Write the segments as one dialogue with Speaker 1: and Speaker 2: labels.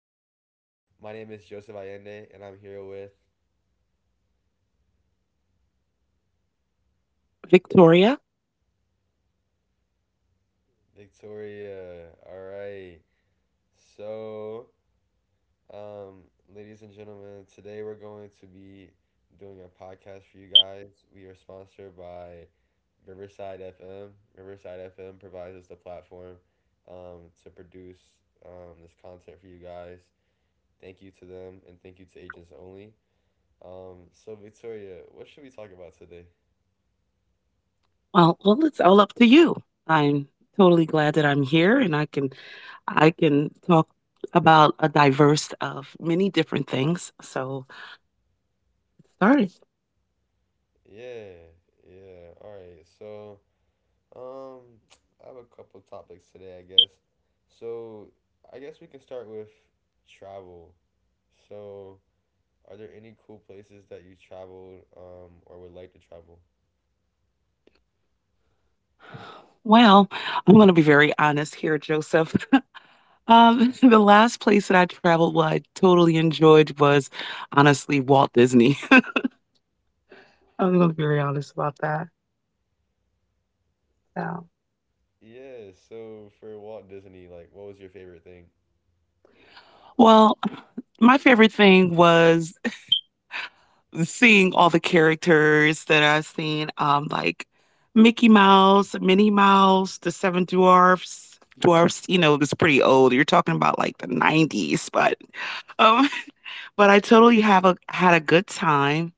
Speaker 1: everyone. My name is Joseph Allende, and I'm here with
Speaker 2: Victoria.
Speaker 1: Victoria. All right. So, um, ladies and gentlemen, today we're going to be doing a podcast for you guys. We are sponsored by Riverside FM. Riverside FM provides us the platform to produce this content for you guys. Thank you to them, and thank you to Agents Only. So, Victoria, what should we talk about today?
Speaker 2: Well, it's all up to you. I'm totally glad that I'm here and I can talk about a diverse of many different things. So started.
Speaker 1: Yeah, yeah. All right. So, um, I have a couple topics today, I guess. So, I guess we can start with travel. So, are there any cool places that you traveled, or would like to travel?
Speaker 2: Well, I'm going to be very honest here, Joseph. The last place that I traveled, what I totally enjoyed was honestly Walt Disney. I'm going to be very honest about that. So,
Speaker 1: Yeah, so for Walt Disney, like, what was your favorite thing?
Speaker 2: well, my favorite thing was seeing all the characters that I've seen, like Mickey Mouse, Minnie Mouse, the Seven Dwarfs. Dwarfs, you know, it's pretty old. You're talking about like the 90s, but um, but I totally have a had a good time,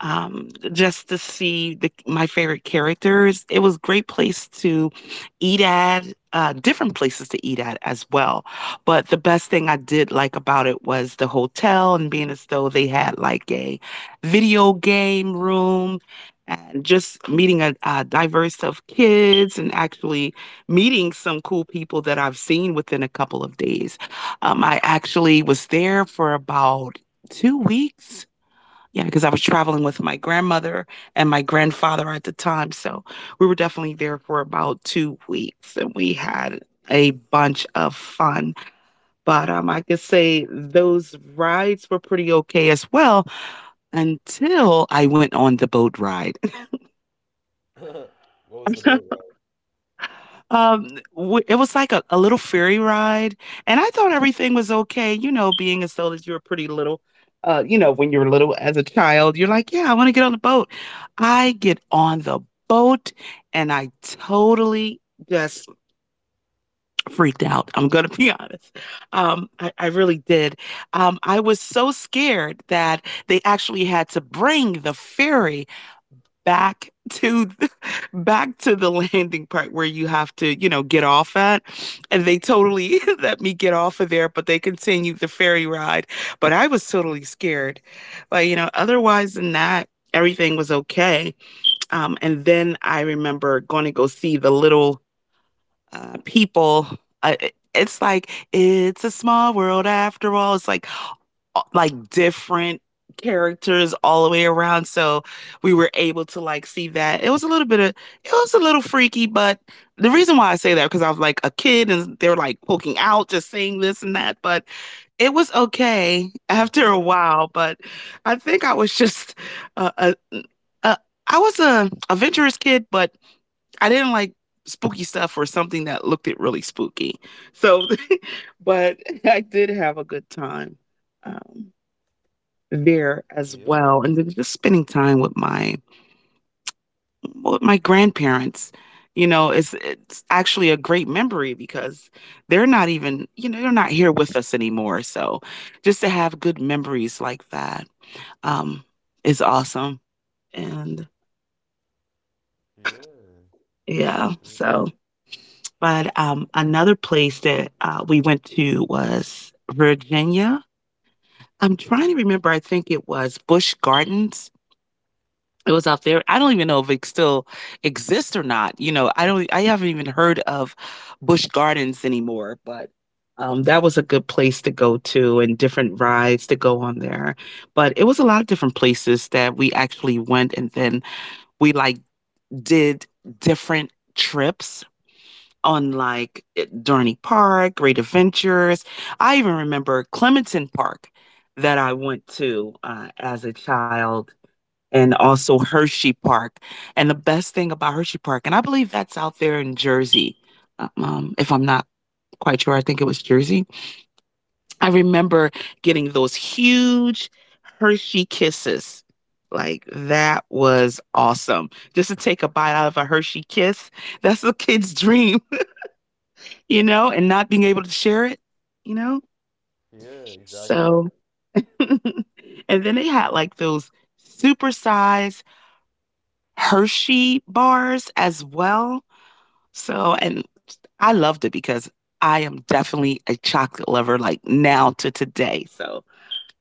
Speaker 2: just to my favorite characters. It was a great place to eat at, different places to eat at as well. But the best thing I did like about it was the hotel, and being as though they had like a video game room and just meeting a diverse set of kids, and actually meeting some cool people that I've seen within a couple of days. I actually was there for about 2 weeks, yeah, because I was traveling with my grandmother and my grandfather at the time. So we were definitely there for about 2 weeks, and we had a bunch of fun. But I could say those rides were pretty okay as well, until I went on the boat ride.
Speaker 1: What was the boat
Speaker 2: Um, w it was like a little ferry ride, and I thought everything was okay, you know, being as though that you were pretty little, you know, when you were little as a child, you're like, "Yeah, I wanna get on the boat." I get on the boat, and I totally just freaked out, I'm gonna be honest. Um, I really did. I was so scared that they actually had to bring the ferry back back to the landing part where you have to, you know, get off at, and they totally let me get off of there, but they continued the ferry ride. But I was totally scared. But you know, otherwise than that, everything was okay. And then I remember going to go see the little people. uh, it's like it's a small world after all. It's like different characters all the way around. So we were able to like see that. It was a little bit of, it was a little freaky, but the reason why I say that because I was like a kid and they're like poking out, just saying this and that, but it was
Speaker 1: ride?
Speaker 2: okay after a while. But I think I was just uh, a, a I was a adventurous kid, but I didn't like spooky stuff, or something that looked it really spooky. So, but I did have a good time. Um, there
Speaker 1: Yeah,
Speaker 2: as well, and then just spending time with my grandparents, you know, it's actually a great memory because they're not even, you know, they're not here with us anymore. So just to have good memories like that, um, is awesome. And
Speaker 1: yeah.
Speaker 2: yeah,
Speaker 1: mm,
Speaker 2: so but, another place that, we went to was Virginia. I'm trying to remember, I think it was Busch Gardens. It was out there. I don't even know if it still exists or not. You know, I don't I haven't even heard of Busch Gardens anymore. But that was a good place to go to, and different rides to go on there. But it was a lot of different places that we actually went, and then we like did different trips on like Dorney Park, Great Adventures. I even remember Clementon Park that I went to, as a child, and also Hershey Park. And the best thing about Hershey Park, and I believe that's out there in Jersey, if I'm not quite sure, I think it was Jersey. I remember getting those huge Hershey kisses. Like that was awesome. Just to take a bite out of a Hershey kiss, that's a kid's dream, you know, and not being able to share it, you know?
Speaker 1: Yeah, exactly.
Speaker 2: So, and then they had like those supersized Hershey bars as well. So, and I loved it because I am definitely a chocolate lover, like now to today. So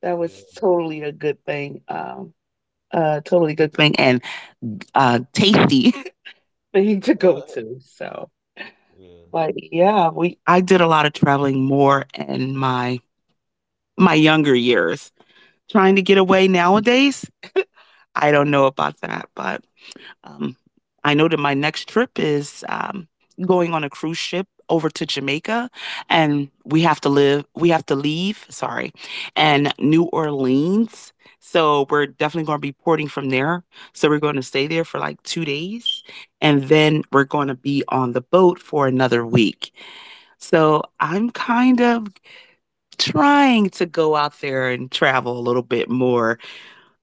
Speaker 2: that was
Speaker 1: Yeah.
Speaker 2: totally a good thing. Totally good thing, and tasty thing to go to. So,
Speaker 1: Yeah.
Speaker 2: but yeah, we I did a lot of traveling more in my younger years. Trying to get away nowadays, I don't know about that. But Um, I know that my next trip is, going on a cruise ship over to Jamaica, and we have to live. we have to leave. Sorry, and New Orleans. So we're definitely going to be porting from there. So we're going to stay there for like 2 days, and then we're going to be on the boat for another week. So I'm kind of trying to go out there and travel a little bit more.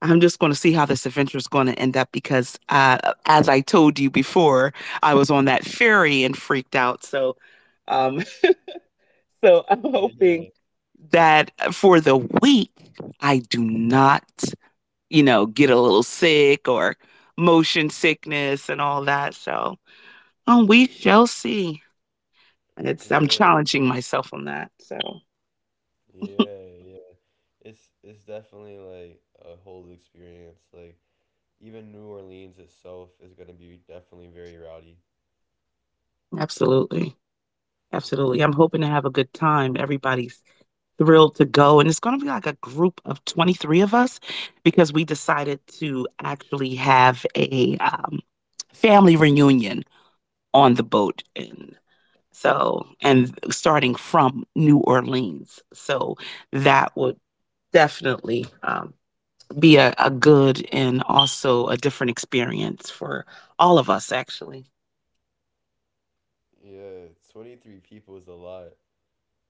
Speaker 2: I'm just going to see how this adventure is going to end up, because, as I told you before, I was on that ferry and freaked out. So, um, so I'm
Speaker 1: Yeah.
Speaker 2: hoping that, for the week, I do not, you know, get a little sick or motion sickness and all that. So, we shall see. It's I'm
Speaker 1: Yeah.
Speaker 2: challenging myself on that. So,
Speaker 1: Yeah. Yeah. It's definitely like a whole experience. Like, even New Orleans itself is gonna be definitely very rowdy.
Speaker 2: absolutely, absolutely.
Speaker 1: Yeah,
Speaker 2: I'm hoping to have a good time. Everybody's thrilled to go. And it's going to be like a group of 23 of us, because we decided to actually have a family reunion on the boat. And so, and starting from New Orleans. So that would definitely be a good and also a different experience for all of us, actually.
Speaker 1: yeah, 23 people is a lot.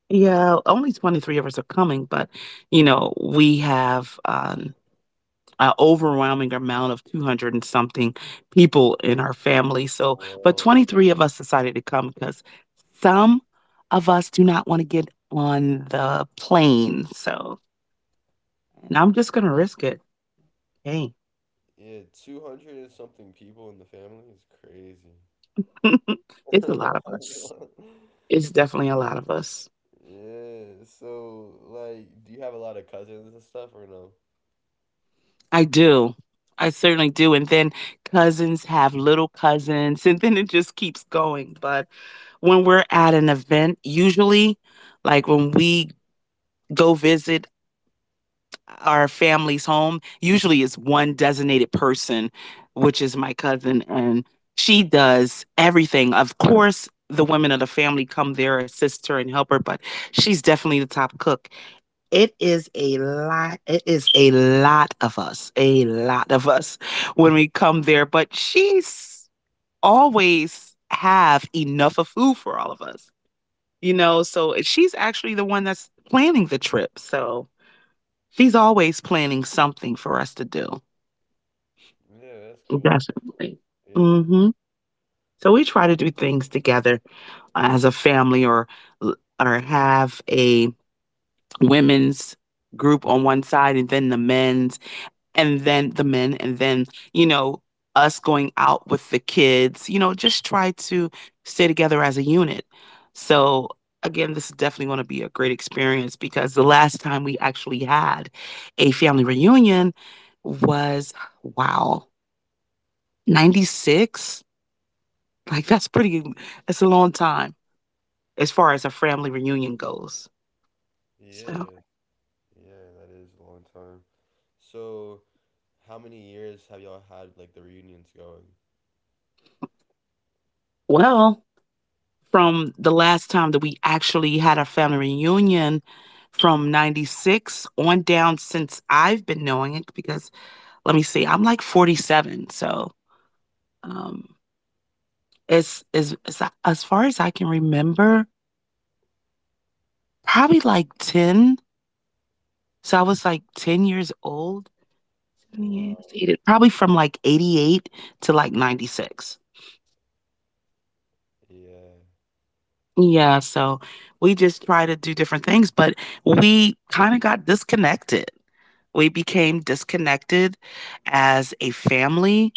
Speaker 2: Yeah, only 23 of us are coming, but you know, we have a overwhelming amount of 200 and something people in our family. So, but
Speaker 1: Whoa.
Speaker 2: 23 of us decided to come, because some of us do not want to get on the plane. So, and I'm just going to risk it. Hey,
Speaker 1: Yeah, 200 and something people in the family is crazy.
Speaker 2: it's a lot of us. It's definitely a lot of us.
Speaker 1: Yeah, so like, do you have a lot of cousins and stuff or no?
Speaker 2: I do. I certainly do. And then cousins have little cousins, and then it just keeps going. But when we're at an event, usually, like when we go visit our family's home, usually it's one designated person, which is my cousin, and she does everything. Of course, the women of the family come there, assist her, and help her, but she's definitely the top cook. It is a lot. It is a lot of us, a lot of us, when we come there, but she's always have enough of food for all of us, you know? So she's actually the one that's planning the trip. So she's always planning something for us to do.
Speaker 1: Yeah, that's cool.
Speaker 2: Definitely.
Speaker 1: Yeah,
Speaker 2: Hmm. So we try to do things together as a family, or have a women's group on one side, and then the men's, and then the men, and then you know, us going out with the kids, you know, just try to stay together as a unit. So again, this is definitely going to be a great experience, because the last time we actually had a family reunion was, wow, 96. Like that's pretty, that's a long time as far as a family reunion goes. So
Speaker 1: yeah, yeah. That is a long time. So, how many years have y'all had like the reunions going?
Speaker 2: well, from the last time that we actually had a family reunion, from 96 on down, since I've been knowing it, because let me see, I'm like 47, so um it's is, as far as I can remember, probably like 10. So I was like 10 years old.
Speaker 1: Wow.
Speaker 2: 78, probably from like 88 to like 96.
Speaker 1: Yeah.
Speaker 2: Yeah, so we just try to do different things, but we kind of got disconnected. We became disconnected as a family.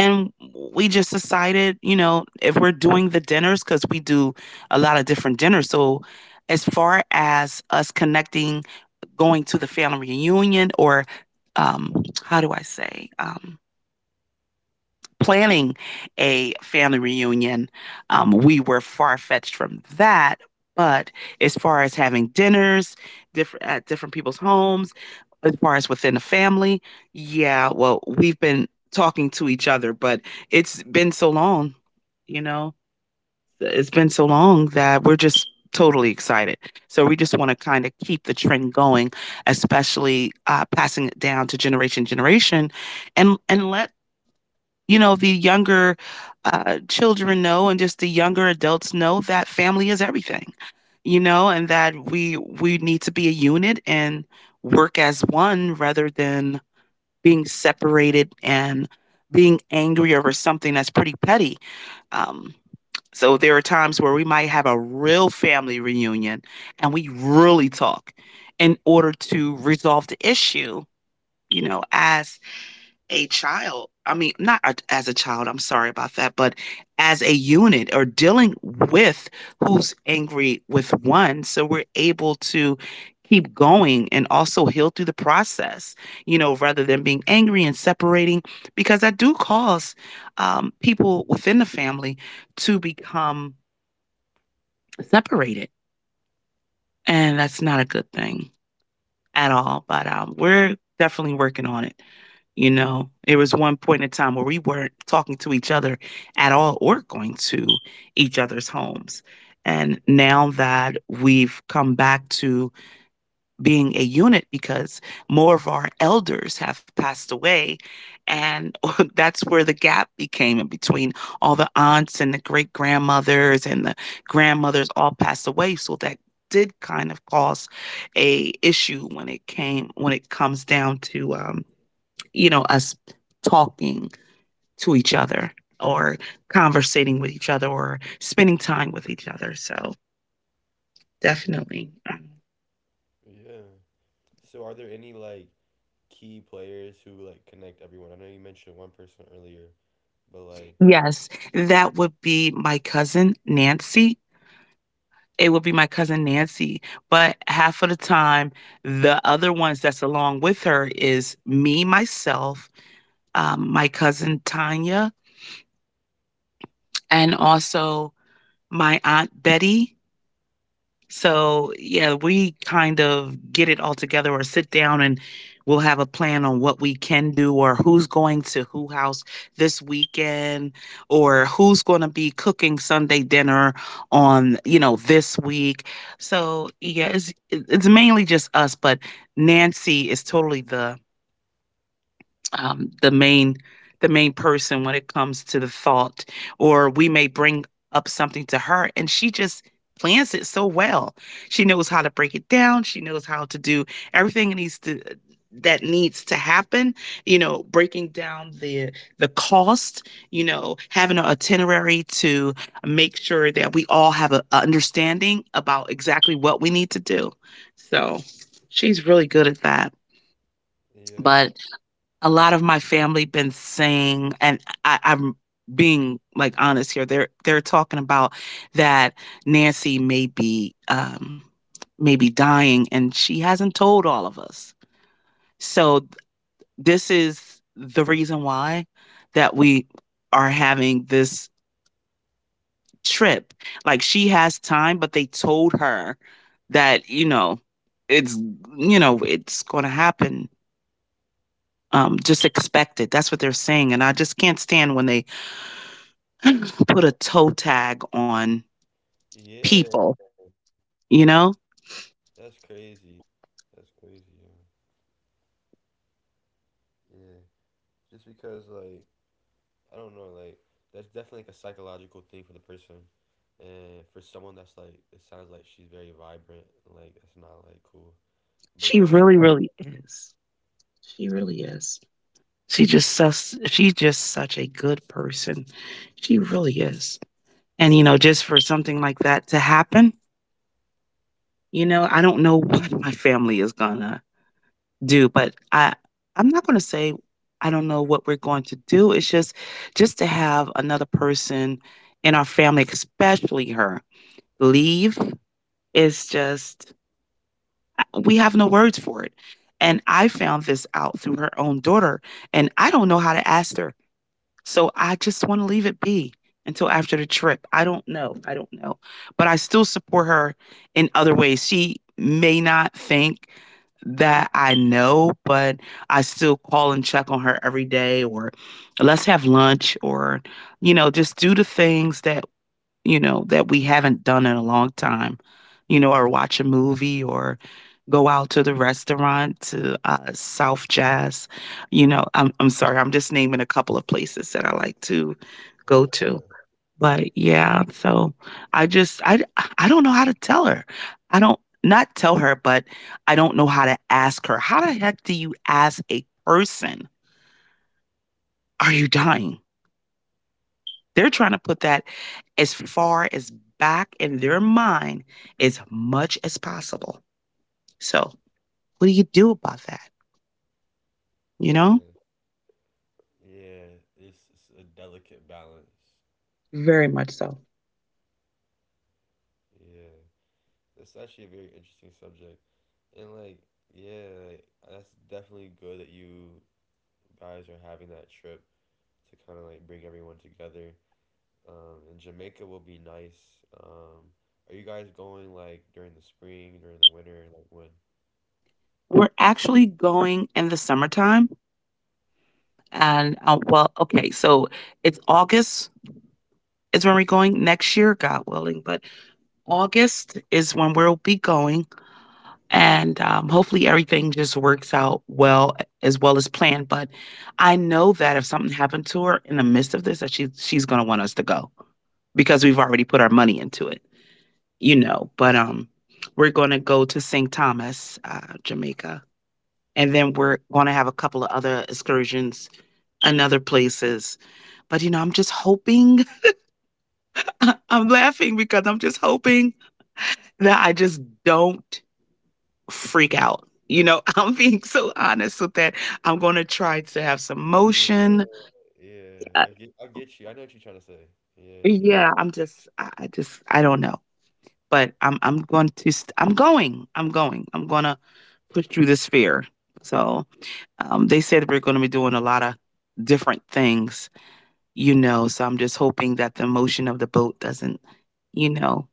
Speaker 2: And we just decided, you know, if we're doing the dinners, because we do a lot of different dinners. So, as far as us connecting, going to the family reunion, or how do I say? Planning a family reunion, we were far fetched from that. But as far as having dinners different at different people's homes, as far as within the family, yeah, well, we've been talking to each other, but it's been so long, you know, it's been so long, that we're just totally excited. So we just want to kind of keep the trend going, especially passing it down to generation generation, and let, you know, the younger children know, and just the younger adults know, that family is everything, you know, and that we need to be a unit, and work as one rather than being separated and being angry over something that's pretty petty. Um, so there are times where we might have a real family reunion and we really talk in order to resolve the issue, you know, as a child I mean, not a as a child, I'm sorry about that, but as a unit or dealing with who's angry with one, so we're able to keep going and also heal through the process, you know, rather than being angry and separating because that do cause, people within the family to become separated, and that's not a good thing at all. But we're definitely working on it. You know, it was one point in time where we weren't talking to each other at all or going to each other's homes. And now that we've come back to being a unit because more of our elders have passed away. And that's where the gap became in between all the aunts and the great grandmothers and the grandmothers all passed away. So that did kind of cause a issue when it comes down to you know us talking to each other or conversating with each other or spending time with each other. So definitely.
Speaker 1: Yeah. So are there any like key players who like connect everyone? I know you mentioned one person earlier, but like
Speaker 2: Yes, that would be my cousin Nancy. It would be my cousin Nancy, but half of the time, the other ones that's along with her is me, myself, my cousin Tanya, and also my aunt Betty. So, yeah, we kind of get it all together or sit down and we'll have a plan on what we can do or who's going to who house this weekend or who's going to be cooking Sunday dinner on, you know, this week. So, yeah, it's mainly just us, but Nancy is totally um, the main the main person when it comes to the thought, or we may bring up something to her and she just plans it so well. She knows how to break it down, she knows how to do everything that needs to happen you know, breaking down the cost you know, having an itinerary to make sure that we all have a understanding about exactly what we need to do. So she's really good at that.
Speaker 1: yeah.
Speaker 2: But a lot of my family been saying, and I'm being like honest here. They're talking about that Nancy may be dying, and she hasn't told all of us. So this is the reason why that we are having this trip. Like she has time, but they told her that it's you know it's going to happen. Just expect it. That's what they're saying. And I just can't stand when they put a toe tag on
Speaker 1: Yeah.
Speaker 2: people,
Speaker 1: That's
Speaker 2: you know?
Speaker 1: crazy. That's crazy, yeah. Yeah. Just because like I don't know, like that's definitely like a psychological thing for the person. And for someone that's like, it sounds like she's very vibrant, like that's not like cool. But
Speaker 2: She
Speaker 1: yeah, so
Speaker 2: really, really is. She really is. She just she's just such a good person. She really is. And, you know, just for something like that to happen, you know, I don't know what my family is going to do, but I'm not going to say I don't know what we're going to do. It's just to have another person in our family, especially her, leave is just, we have no words for it. And I found this out through her own daughter, and I don't know how to ask her. So I just want to leave it be until after the trip. I don't know. I don't know. But I still support her in other ways. She may not think that I know, but I still call and check on her every day, or let's have lunch, or, you know, just do the things that you know, that we haven't done in a long time, you know, or watch a movie or go out to the restaurant to South Jazz. You know, I'm sorry, I'm just naming a couple of places that I like to go to. But yeah, so I just, I, I don't know how to tell her. I don't, not tell her, but I don't know how to ask her. How the heck do you ask a person, are you dying? They're trying to put that as far as back in their mind as much as possible. So, what do you do about that? You know,
Speaker 1: yeah. Yeah, it's a delicate balance.
Speaker 2: very much so.
Speaker 1: Yeah, that's actually a very interesting subject, and like yeah, like, that's definitely good that you guys are having that trip to kind of like bring everyone together. And Jamaica will be nice. Are you guys going like during the spring, during the winter, like when?
Speaker 2: We're actually going in the summertime. And well, okay, so it's August is when we're going next year, God willing. But August is when we'll be going and hopefully everything just works out well as planned. But I know that if something happened to her in the midst of this, that she's gonna want us to go because we've already put our money into it, you know. But we're gonna go to St. Thomas, Jamaica, and then we're gonna have a couple of other excursions and other places. But you know, I'm just hoping. I'm laughing because I'm just hoping that I just don't freak out. You know, I'm being so honest with that. I'm going to try to have some
Speaker 1: Yeah,
Speaker 2: motion.
Speaker 1: yeah.
Speaker 2: Uh,
Speaker 1: I get you. I know what you're trying to say. Yeah,
Speaker 2: yeah, I just, I don't know, but I'm going to, I'm going to push through this fear. So they said we're going to be doing a lot of different things, you know. So I'm just hoping that the motion of the boat doesn't, you know,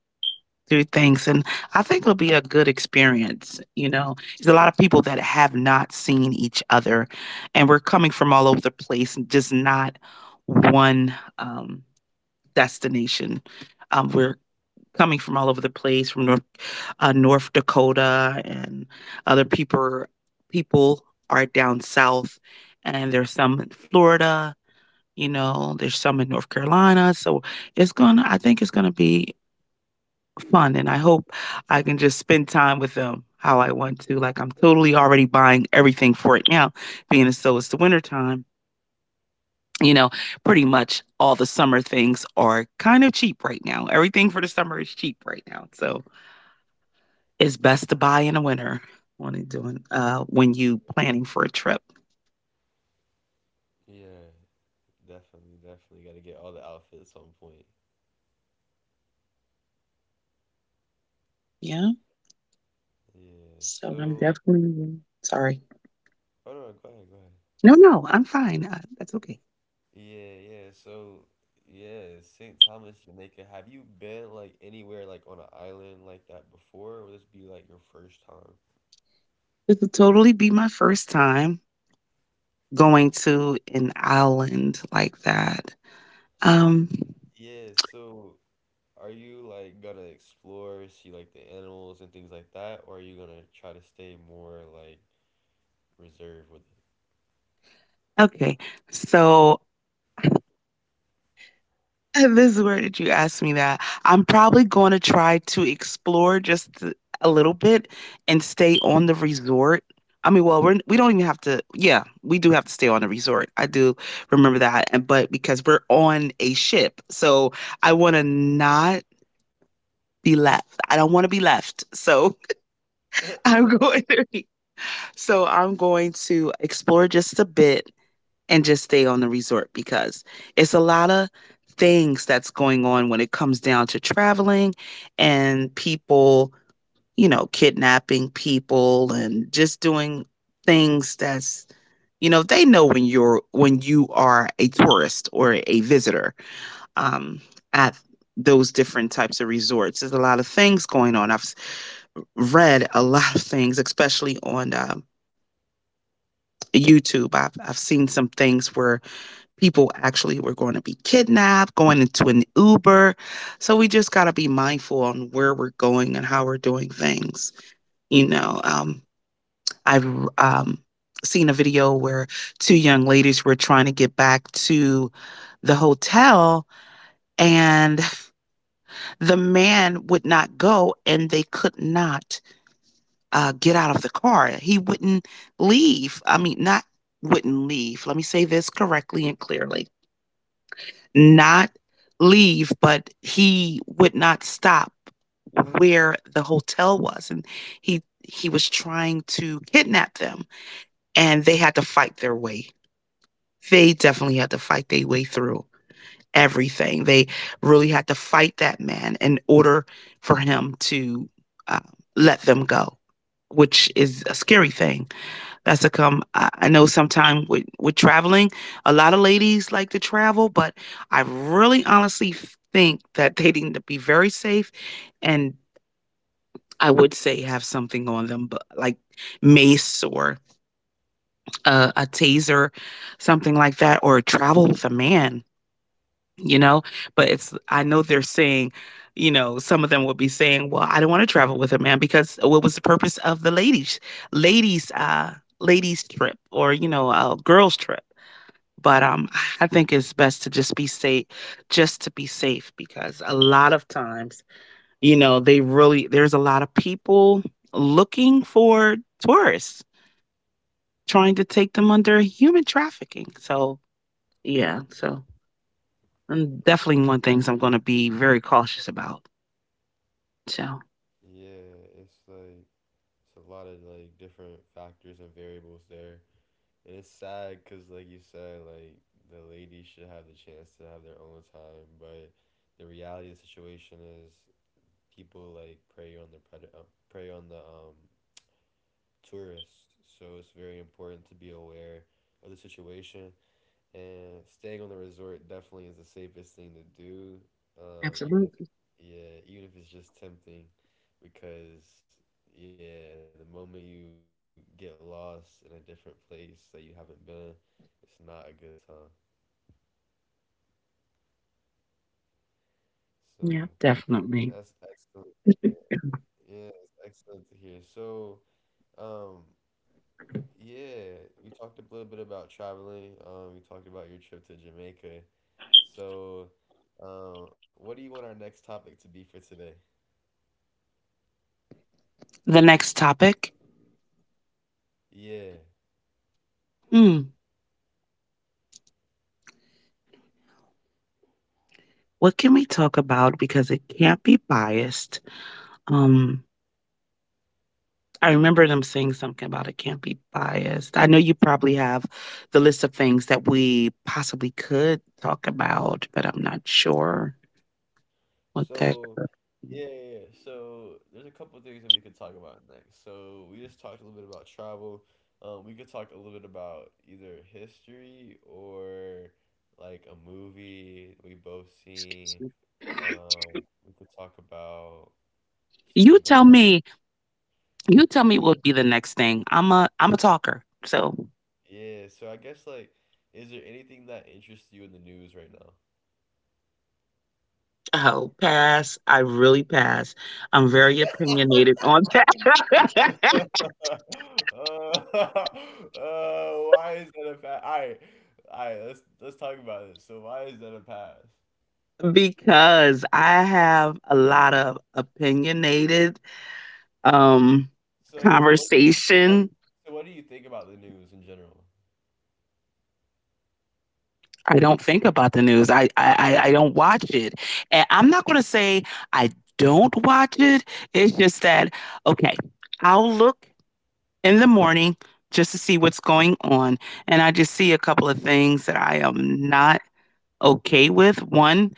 Speaker 2: through things. And I think it'll be a good experience. You know, there's a lot of people that have not seen each other, and we're coming from all over the place and just not one um, destination. We're coming from all over the place, from North Dakota, and other people people are down south, and there's some in Florida, you know, there's some in North Carolina. So it's gonna I think it's gonna be fun, and I hope I can just spend time with them how I want to. Like, I'm totally already buying everything for it now, being as though it's the winter time. You know, pretty much all the summer things are kind of cheap right now. Everything for the summer is cheap right now. So it's best to buy in the winter when are doing when you planning for a trip.
Speaker 1: yeah. Definitely, definitely got to get all the outfits on point.
Speaker 2: Yeah.
Speaker 1: Yeah.
Speaker 2: So I'm
Speaker 1: So.
Speaker 2: definitely sorry.
Speaker 1: Oh, no, go ahead, go ahead.
Speaker 2: No, no, I'm fine. That's okay.
Speaker 1: Yeah, yeah. So, yeah, St. Thomas, Jamaica. Have you been like anywhere like on an island like that before, or would this be like your first time?
Speaker 2: This would totally be my first time going to an island like that. Um,
Speaker 1: Yeah, so are you like gonna explore, see like the animals and things like that, or are you gonna try to stay more like reserved with
Speaker 2: okay, so this is where did you ask me that? I'm probably going to try to explore just a little bit and stay on the resort. I mean, we don't even have to. Yeah, we do have to stay on the resort. I do remember that, and but because we're on a ship, so I want to not be left. I don't want to be left. So
Speaker 1: it?
Speaker 2: I'm going to I'm going to explore just a bit and just stay on the resort, because it's a lot of things that's going on when it comes down to traveling and people, you know, kidnapping people and just doing things that's you know, they know when you are a tourist or a visitor um at those different types of resorts. There's a lot of things going on. I've read a lot of things, especially on YouTube. I've seen some things where people actually were going to be kidnapped, going into an Uber. So we just got to be mindful on where we're going and how we're doing things. You know, I've um, seen a video where two young ladies were trying to get back to the hotel, and the man would not go, and they could not get out of the car. He wouldn't leave. I mean, not wouldn't leave. Let me say this correctly and clearly. Not leave, but he would not stop where the hotel was, and he he was trying to kidnap them, and they had to fight their way. They definitely had to fight their way through everything. They really had to fight that man in order for him to uh, let them go, which is a scary thing. That's a come. I know sometimes with traveling, a lot of ladies like to travel, but I really honestly think that they need to be very safe. And I would say have something on them, but like mace or a taser, something like that, or travel with a man, you know? But it's, I know they're saying, you know, some of them will be saying, well, I don't want to travel with a man, because what was the purpose of the ladies, uh, ladies trip, or, you know, a girls trip? But I think it's best to just be safe, just to be safe, because a lot of times, you know, they really there's a lot of people looking for tourists, trying to take them under human trafficking. So yeah, so and
Speaker 1: Yeah,
Speaker 2: definitely one things I'm going to be very cautious about. So
Speaker 1: yeah, it's like it's a lot of like different factors and variables there. And it's sad because, like you said, like the ladies should have the chance to have their own time, but the reality of the situation is people like prey on the prey on the tourists. So it's very important to be aware of the situation, and staying on the resort definitely is the safest thing to do. Even if,
Speaker 2: absolutely,
Speaker 1: yeah, even if it's just tempting, because yeah, the moment you get lost in a different place that you haven't been, it's not a good time. So
Speaker 2: yeah,
Speaker 1: that's
Speaker 2: definitely.
Speaker 1: excellent to hear. Yeah, it's excellent to hear. So, um, yeah, we talked a little bit about traveling. We talked about your trip to Jamaica. So, what do you want our next topic to be for today?
Speaker 2: The next topic,
Speaker 1: Yeah.
Speaker 2: hmm, what can we talk about because it can't be biased? Um, I remember them saying something about it can't be biased. I know you probably have the list of things that we possibly could talk about, but I'm not sure what that.
Speaker 1: So, yeah, yeah, yeah. So, there's a couple of things that we could talk about next. So, we just talked a little bit about travel. We could talk a little bit about either history or like a movie that we both seen.
Speaker 2: Excuse me.
Speaker 1: Um, we could talk about something
Speaker 2: You
Speaker 1: going on.
Speaker 2: tell me. You tell
Speaker 1: Yeah,
Speaker 2: me what would be the next thing. I'm a talker, so
Speaker 1: yeah. So, I guess like, is there anything that interests you in the news right now?
Speaker 2: oh, pass. I really pass. I'm very opinionated on
Speaker 1: uh,
Speaker 2: that.
Speaker 1: uh, why is that a pass? All right, all right. Let's talk about this. So why is that a pass?
Speaker 2: Because I have a lot of opinionated um,
Speaker 1: So what do you so what do
Speaker 2: conversation.
Speaker 1: you, so what do you think about the news in general?
Speaker 2: I don't think about the news. I don't watch it, and I'm not going to say I don't watch it. It's just that okay, I'll look in the morning just to see what's going on, and I just see a couple of things that I am not okay with. One,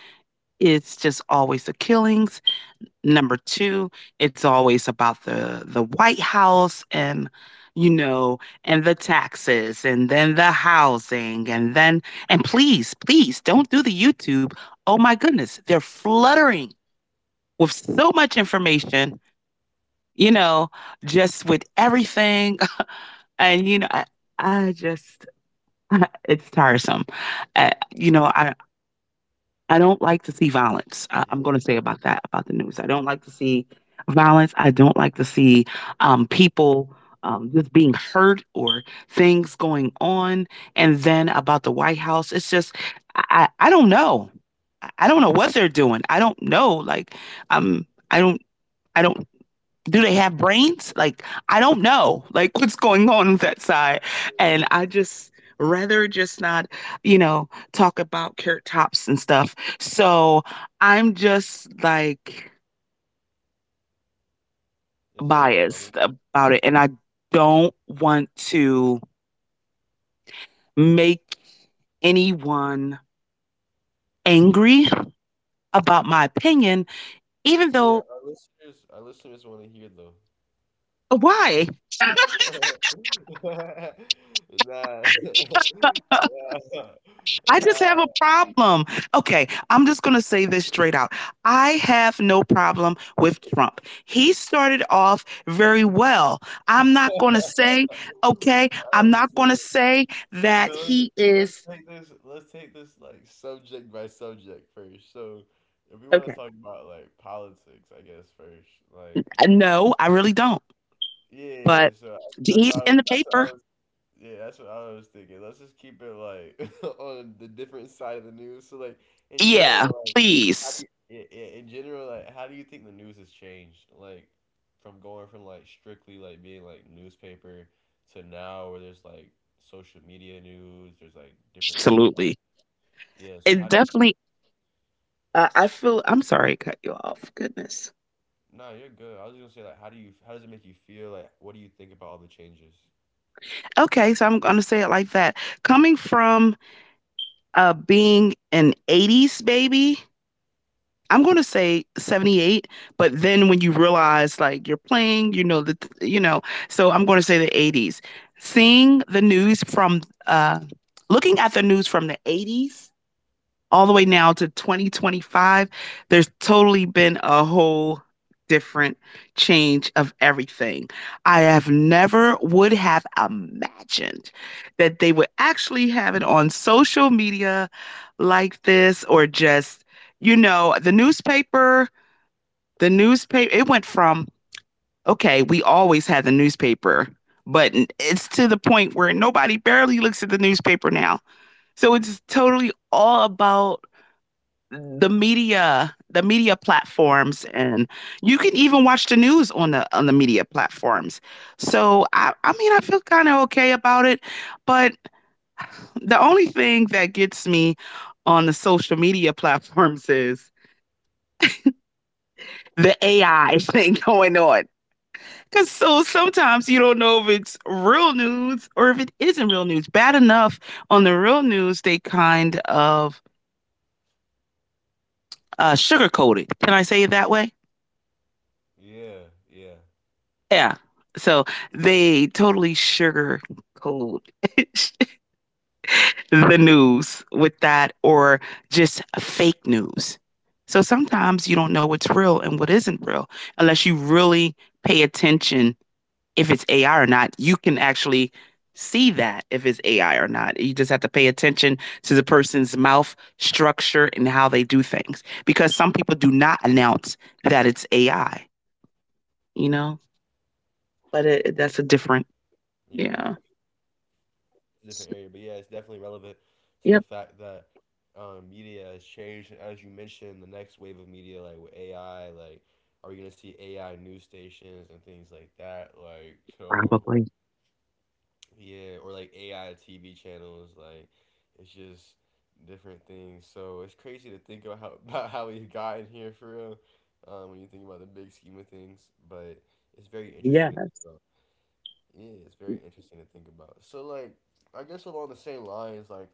Speaker 2: it's just always the killings. Number 2, it's always about the White House and, you know, and the taxes and then the housing and then and please, please don't do the YouTube. Oh my goodness, they're fluttering with so much information, you know, just with everything and, you know, I just it's tiresome. You know, I don't like to
Speaker 1: Is
Speaker 2: see violence. I'm going to say about that about the news. I don't like to see violence. I don't like to see people just being hurt or things going on. And then about the White House, it's just I don't know. I don't know what they're doing. I don't know. Like um, I don't I don't do they have brains? Like, I don't know. Like, what's going on with that side? And I just rather just not, you know, talk about carrot tops and stuff. So I'm just like
Speaker 1: is it overwhelming?
Speaker 2: biased
Speaker 1: No.
Speaker 2: about it. And I don't want to make anyone angry about my opinion, even
Speaker 1: Yeah,
Speaker 2: though
Speaker 1: our listeners want to hear though.
Speaker 2: why?
Speaker 1: nah. nah.
Speaker 2: I just
Speaker 1: Nah.
Speaker 2: have a problem. Okay, I'm just going to say this straight out. I have no problem with Trump. He started off very well. I'm not going to
Speaker 1: All
Speaker 2: say, okay, I'm
Speaker 1: right,
Speaker 2: not going to say that
Speaker 1: so
Speaker 2: he is,
Speaker 1: let's take this. Let's take this like subject by subject first. So if we want
Speaker 2: okay.
Speaker 1: to talk about like politics, I guess first, like
Speaker 2: No, I really don't.
Speaker 1: yeah. Yeah, yeah,
Speaker 2: But
Speaker 1: so
Speaker 2: he's in the
Speaker 1: That's what
Speaker 2: paper.
Speaker 1: I was. Yeah, that's what I was thinking. Let's just keep it like on the different side of the news. So like in
Speaker 2: Yeah,
Speaker 1: general, like how do
Speaker 2: please.
Speaker 1: you? Yeah, yeah, in general, like how do you think the news has changed? Like from going from like strictly like being like newspaper to now where there's like social media news. There's like different news,
Speaker 2: Absolutely.
Speaker 1: yeah, so
Speaker 2: It
Speaker 1: how do you
Speaker 2: definitely. I feel I'm sorry to cut you off. Goodness.
Speaker 1: No, you're good. I was gonna say like how does it make you feel? Like what do you think about all the changes?
Speaker 2: Okay, so I'm going to say it like that. Coming from being an 80s baby, I'm going to say 78, but then when you realize like you're playing, you know, you know, so I'm going to say the 80s. Seeing the news from, uh, looking at the news from the 80s all the way now to 2025, there's totally been a whole different change of everything. I have never would have imagined that they would actually have it on social media like this or just you know, the newspaper it went from okay, we always had the newspaper, but it's to the point where nobody barely looks at the newspaper now. So it's totally all about the media platforms, and you can even watch the news on the media platforms. So I mean I feel kind of okay about it, but the only thing that gets me on the social media platforms is the AI thing going on. Because so sometimes you don't know if it's real news or if it isn't real news. Bad enough on the real news, they kind of sugarcoat it, can I say it that way?
Speaker 1: Yeah, yeah,
Speaker 2: Yeah. So they totally sugarcoat the news with that or just fake news. So sometimes you don't know what's real and what isn't real unless you really pay attention if it's AI or not. You can actually see that if it's AI or not. You just have to pay attention to the person's mouth structure and how they do things because some people do not announce that it's AI, you know? But it, that's a
Speaker 1: yeah.
Speaker 2: different, yeah.
Speaker 1: It's a different area, but yeah, it's definitely relevant to the
Speaker 2: Yep,
Speaker 1: fact that media has changed, and as you mentioned, the next wave of media like with AI, like are we gonna see AI news stations and things like that? Like so
Speaker 2: probably.
Speaker 1: yeah, or like AI TV channels, like it's just different things. So it's crazy to think about how about how we've gotten here for real. When you think about the big scheme of things, but it's very interesting to think
Speaker 2: Yes.
Speaker 1: about. Yeah, it's very interesting to think about. So, like, I guess along the same lines, like,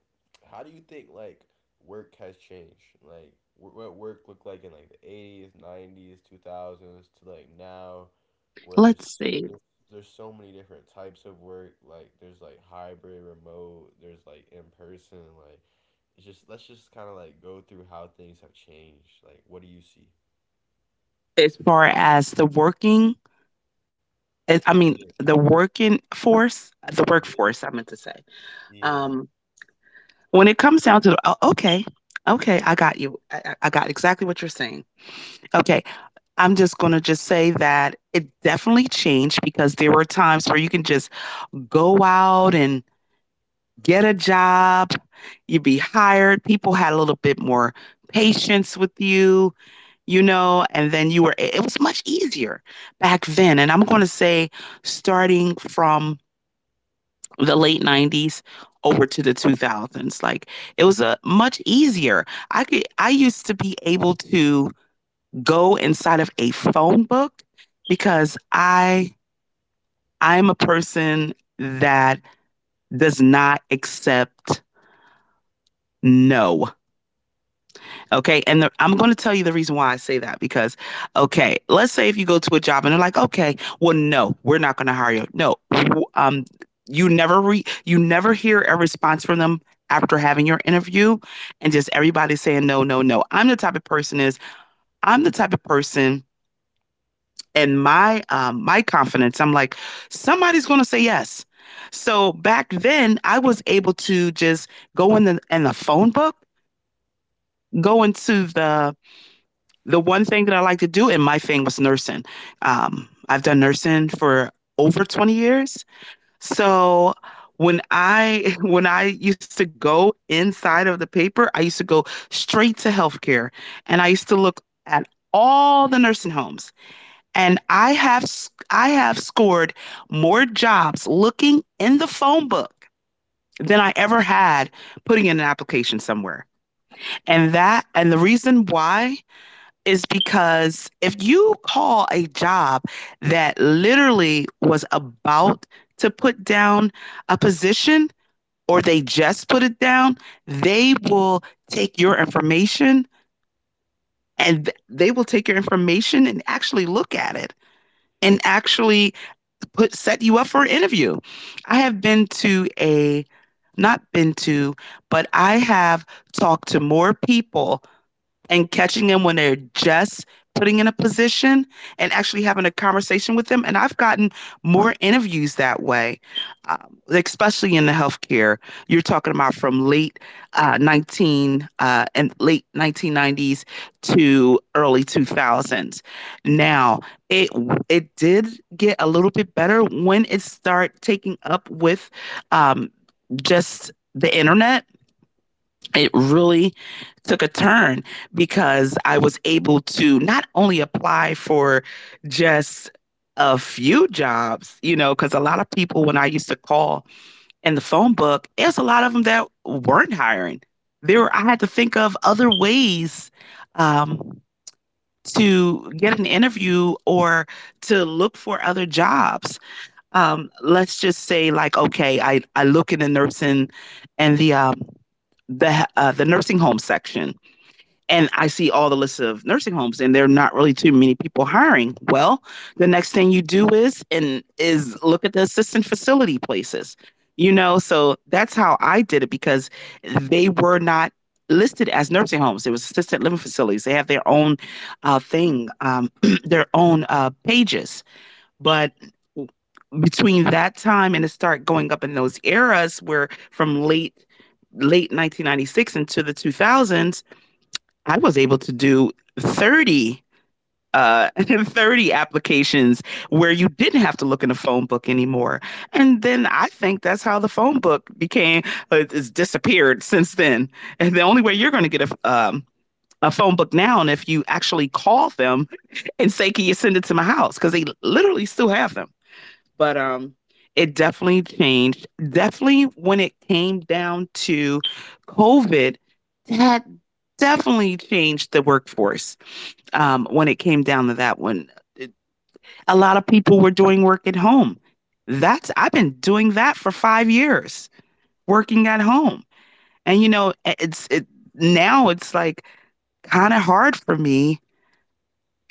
Speaker 1: how do you think like work has changed? Like, what work looked like in like the 80s, 90s, 2000s to like now, where there's
Speaker 2: Let's see.
Speaker 1: there's there's so many different types of work. Like, there's like hybrid, remote. There's like in person. Like, it's just let's just kind of like go through how things have changed. Like, what do you see?
Speaker 2: As far as the working, as I mean,
Speaker 1: Yeah,
Speaker 2: the working force, the
Speaker 1: yeah,
Speaker 2: workforce, I meant to say.
Speaker 1: yeah.
Speaker 2: Um, when it comes down to oh, okay, okay, I got you. I got exactly what you're saying. Okay, I'm just gonna just say that it definitely changed because there were times where you can just go out and get a job, you'd be hired. People had a little bit more patience with you, you know, and then you were, it was much easier back then. And I'm going to say, starting from the late 90s over to the 2000s, like it was a much easier. I could, I used to be able to go inside of a phone book because I'm a person that does not accept no. Okay. And the, I'm going to tell you the reason why I say that because, okay, let's say if you go to a job and they're like, okay, well, no, we're not going to hire you. No, um, you never hear a response from them after having your interview and just everybody saying no, no, no. I'm the type of person is I'm the type of person, and my my confidence, I'm like somebody's going to say yes. So back then I was able to just go in the phone book, go into the one thing that I like to do in my thing was nursing. I've done nursing for over 20 years. So when I when I used to go inside of the paper, I used to go straight to healthcare, and I used to look at all the nursing homes. And I have scored more jobs looking in the phone book than I ever had putting in an application somewhere. And that and the reason why is because if you call a job that literally was about to put down a position or they just put it down, they will take your information, and actually look at it and actually put set you up for an interview. I have been to a not been to, but I have talked to more people and catching them when they're just putting in a position and actually having a conversation with them. And I've gotten more interviews that way, especially in the healthcare. You're talking about from late uh, 19 uh, and late 1990s to early 2000s. Now it it did get a little bit better when it started taking up with um, just the internet. It really took a turn because I was able to not only apply for just a few jobs, you know, because a lot of people, when I used to call in the phone book, there's a lot of them that weren't hiring. I had to think of other ways um, to get an interview or to look for other jobs. Let's just say like okay, I look in the nursing and the the nursing home section, and I see all the list of nursing homes and there are not really too many people hiring. Well, the next thing you do is and is look at the assistant facility places. You know, so that's how I did it because they were not listed as nursing homes. It was assisted living facilities. They have their own thing, their own pages. But between that time and to start going up in those eras where from late 1996 into the 2000s, I was able to do 30 30 applications where you didn't have to look in a phone book anymore. And then I think that's how the phone book became it's disappeared since then. And the only way you're going to get a phone book now and if you actually call them and say can you send it to my house, because they literally still have them. But it definitely changed. Definitely when it came down to COVID, that definitely changed the workforce when it came down to that one. It- a lot of people were doing work at home. That's, I've been doing that for 5 years, working at home. And you know it's it, now it's like kind of hard for me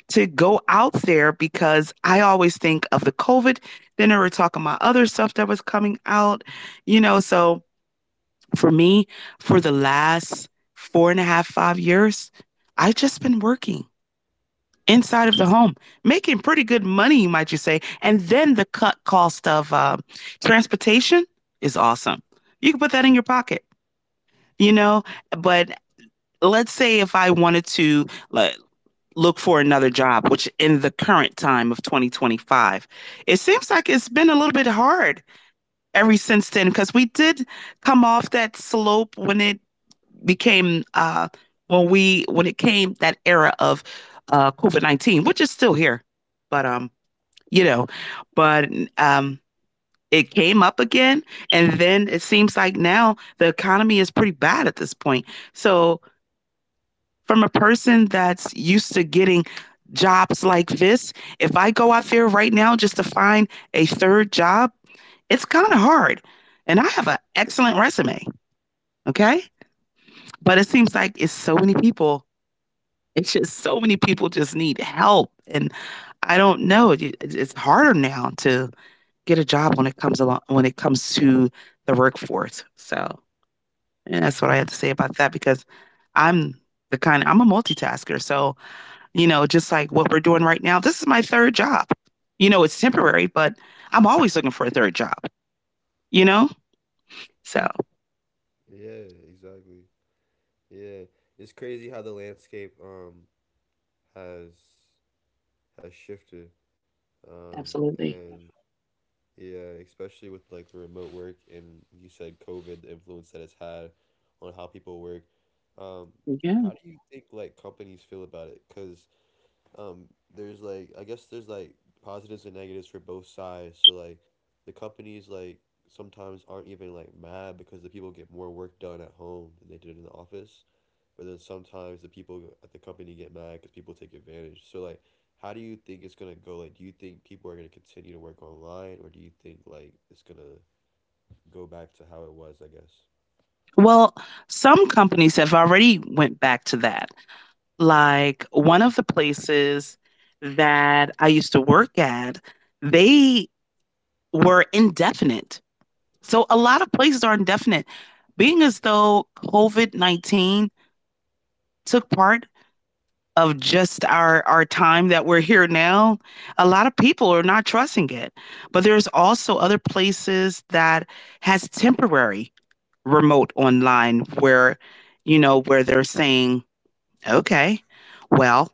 Speaker 2: to go out there because I always think of the COVID. Then they were talking about other stuff that was coming out, you know. So for me, for the last four and a half, 5 years, I've just been working inside of the home, making pretty good money, might you say. And then the cut cost of transportation is awesome. You can put that in your pocket, you know. But let's say if I wanted to, like, look for another job, which in the current time of 2025, it seems like it's been a little bit hard ever since then because we did come off that slope when it became when it came that era of COVID-19, which is still here. But um, you know, but um it came up again, and then it seems like now the economy is pretty bad at this point. So from a person that's used to getting jobs like this, if I go out there right now just to find a third job, it's kind of hard. And I have an excellent resume, okay? But it seems like it's so many people. It's just so many people just need help. And I don't know. It's harder now to get a job when it comes along when it comes to the workforce. So and that's what I have to say about that because I'm the kind I'm a multitasker. So you know, just like what we're doing right now. This is my third job. You know, it's temporary, but I'm always looking for a third job, you know? So,
Speaker 1: Yeah, exactly. Yeah, it's crazy how the landscape has has shifted. Um
Speaker 2: absolutely.
Speaker 1: and yeah, especially with like the remote work, and you said COVID, the influence that it's had on how people work. Um
Speaker 2: Yeah.
Speaker 1: how do you think like companies feel about it? 'Cause um there's like, I guess there's like positives and negatives for both sides. So like the companies like sometimes aren't even like mad because the people get more work done at home than they did in the office, but then sometimes the people at the company get mad because people take advantage. So like, how do you think it's gonna go? Like, do you think people are gonna continue to work online, or do you think like it's gonna go back to how it was? I guess.
Speaker 2: Well, some companies have already went back to that. Like one of the places that I used to work at, they were indefinite. So a lot of places are indefinite. Being as though COVID-19 took part of just our time that we're here now, a lot of people are not trusting it, but there's also other places that has temporary remote online where, you know, where they're saying, okay, well,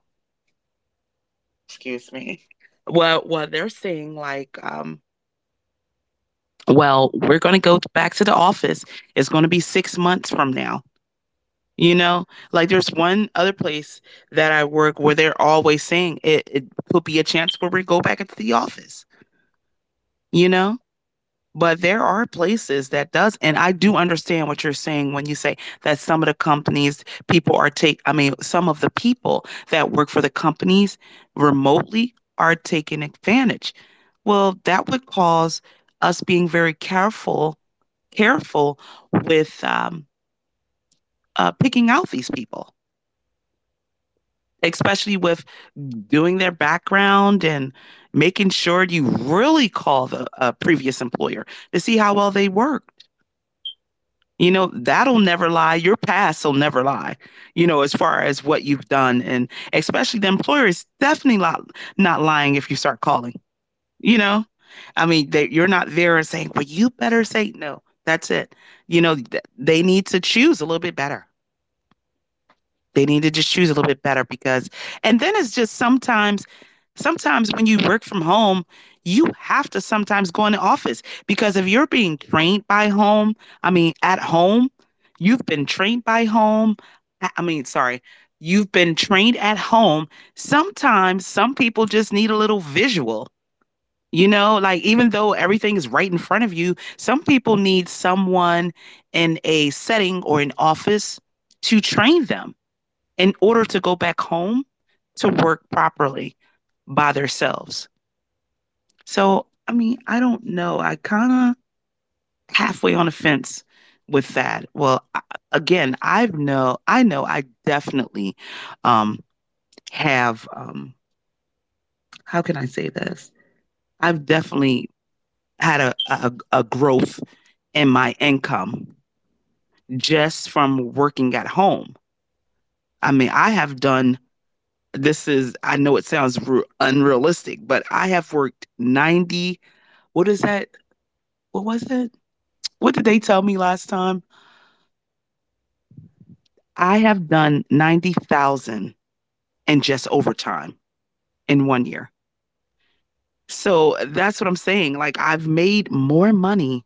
Speaker 2: excuse me, well they're saying like, well, we're going to go back to the office, it's going to be 6 months from now. You know, like there's one other place that I work where they're always saying it, it could be a chance where we go back into the office, you know? But there are places that does, and I do understand what you're saying when you say that some of the companies people are take, I mean, some of the people that work for the companies remotely are taking advantage. Well, that would cause us being very careful, careful with picking out these people, especially with doing their background and making sure you really call the previous employer to see how well they worked. You know, that'll never lie. Your past will never lie, you know, as far as what you've done. And especially the employer is definitely not, not lying if you start calling, you know? I mean, they, you're not there and saying, well, you better say no. That's it. You know, they need to choose a little bit better. They need to just choose a little bit better because, and then it's just sometimes, sometimes when you work from home, you have to sometimes go in the office because if you're being trained by home, I mean, at home, you've been trained by home. I mean, sorry, you've been trained at home. Sometimes some people just need a little visual. You know, like even though everything is right in front of you, some people need someone in a setting or an office to train them in order to go back home to work properly by themselves. So, I mean, I don't know. I kind of halfway on the fence with that. Well, again, I know I definitely um have how can I say this? I've definitely had a growth in my income just from working at home. I mean, I have done this is I know it sounds ru unrealistic, but I have worked 90, what is that? What was it? What did they tell me last time? I have done 90,000 in just overtime in 1 year. So, that's what I'm saying, like, I've made more money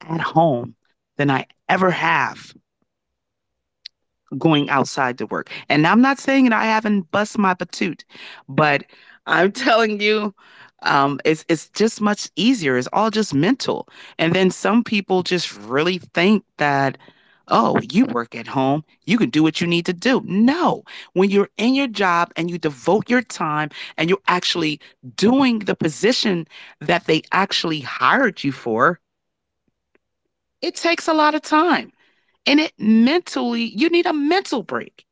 Speaker 2: at home than I ever have going outside to work. And I'm not saying that I haven't bust my patoot, but I'm telling you, it's just much easier. It's all just mental. And then some people just really think that, oh, you work at home, you can do what you need to do. No, when you're in your job and you devote your time and you're actually doing the position that they actually hired you for, it takes a lot of time. And it mentally, you need a mental break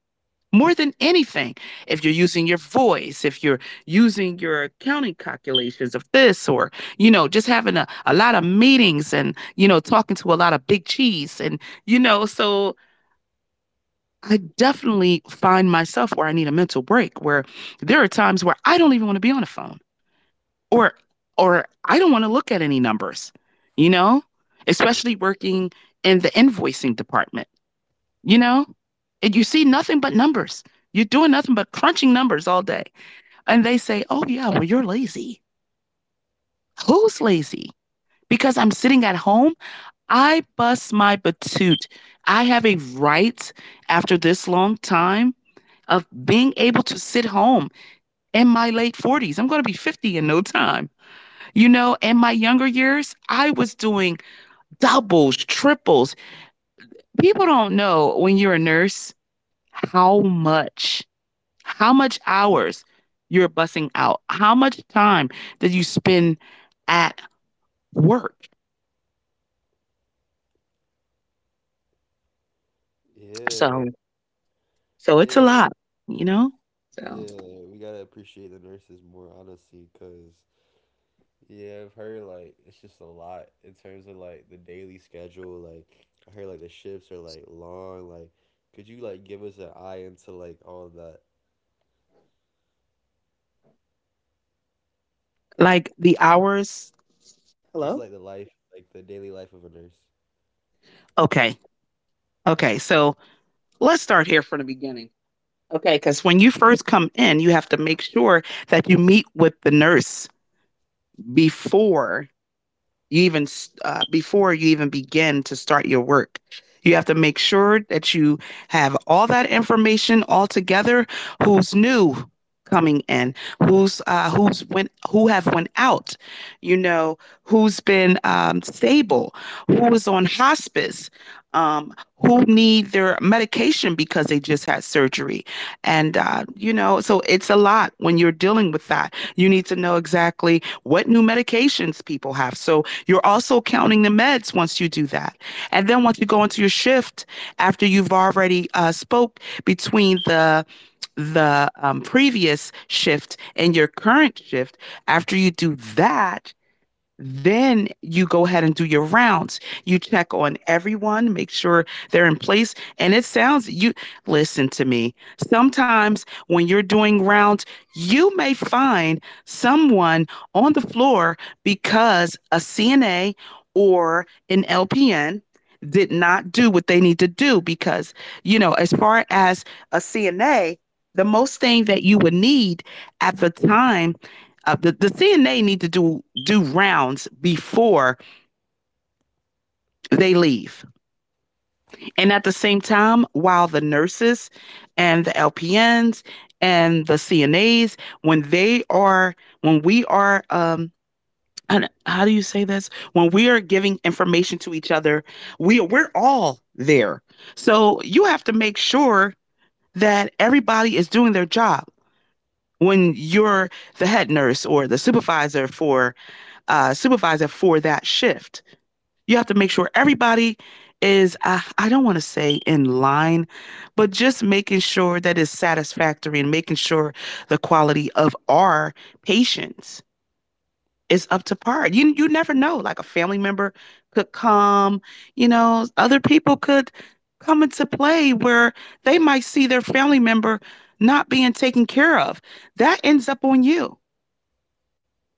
Speaker 2: more than anything. If you're using your voice, if you're using your counting calculations of this, or, you know, just having a lot of meetings and, you know, talking to a lot of big cheese. And, you know, so I definitely find myself where I need a mental break, where there are times where I don't even want to be on the phone or, or I don't want to look at any numbers, you know,
Speaker 1: Yeah,
Speaker 2: especially working in the invoicing department, you know? And you see nothing but numbers. You're doing nothing but crunching numbers all day. And they say, oh, yeah, well, you're lazy. Who's lazy? Because I'm sitting at home, I bust my patoot. I have a right after this long time of being able to sit home in my late 40s. I'm going to be 50 in no time. You know, in my younger years, I was doing doubles, triples. People don't know when you're a nurse, how much how much hours you're bussing out, how much time did you spend at work. So,
Speaker 1: yeah,
Speaker 2: so it's a
Speaker 1: yeah,
Speaker 2: lot, you know? So,
Speaker 1: yeah. We gotta appreciate the nurses more, honestly, cause yeah, I've heard like it's just a lot in terms of like the daily schedule. Like I heard like the shifts are like long. Like, could you like give us an eye into like all that?
Speaker 2: like the hours.
Speaker 1: Just like
Speaker 2: Hello?
Speaker 1: the daily life of a nurse.
Speaker 2: Okay. Okay. So let's start here from the beginning. Okay. Because when you first come in, you have to make sure that you meet with the nurse before you even before you even begin to start your work, you have to make sure that you have all that information all together, who's new coming in, who's went who have went out, you know, who's been stable, who is on hospice, who need their medication because they just had surgery, and you know, so it's a lot when you're dealing with that, you need to know exactly what new medications people have, so you're also counting the meds once you do that. And then once you go into your shift, after you've already spoke between the previous shift and your current shift, after you do that, then you go ahead and do your rounds. You check on everyone, make sure they're in place. And it sounds, you listen to me. Sometimes when you're doing rounds, you may find someone on the floor because a CNA or an LPN did not do what they need to do. Because, you know, as far as a CNA, the most thing that you would need at the time the CNA need to do rounds before they leave, and at the same time, while the nurses and the LPNs and the CNAs, when they are when we are how do you say this? When we are giving information to each other, we're all there. So you have to make sure that everybody is doing their job. When you're the head nurse or the supervisor for that shift, you have to make sure everybody is I don't want to say in line, but just making sure that it's satisfactory and making sure the quality of our patients is up to par. You never know, like a family member could come, you know, other people could come into play where they might see their family member not being taken care of, that ends up on you.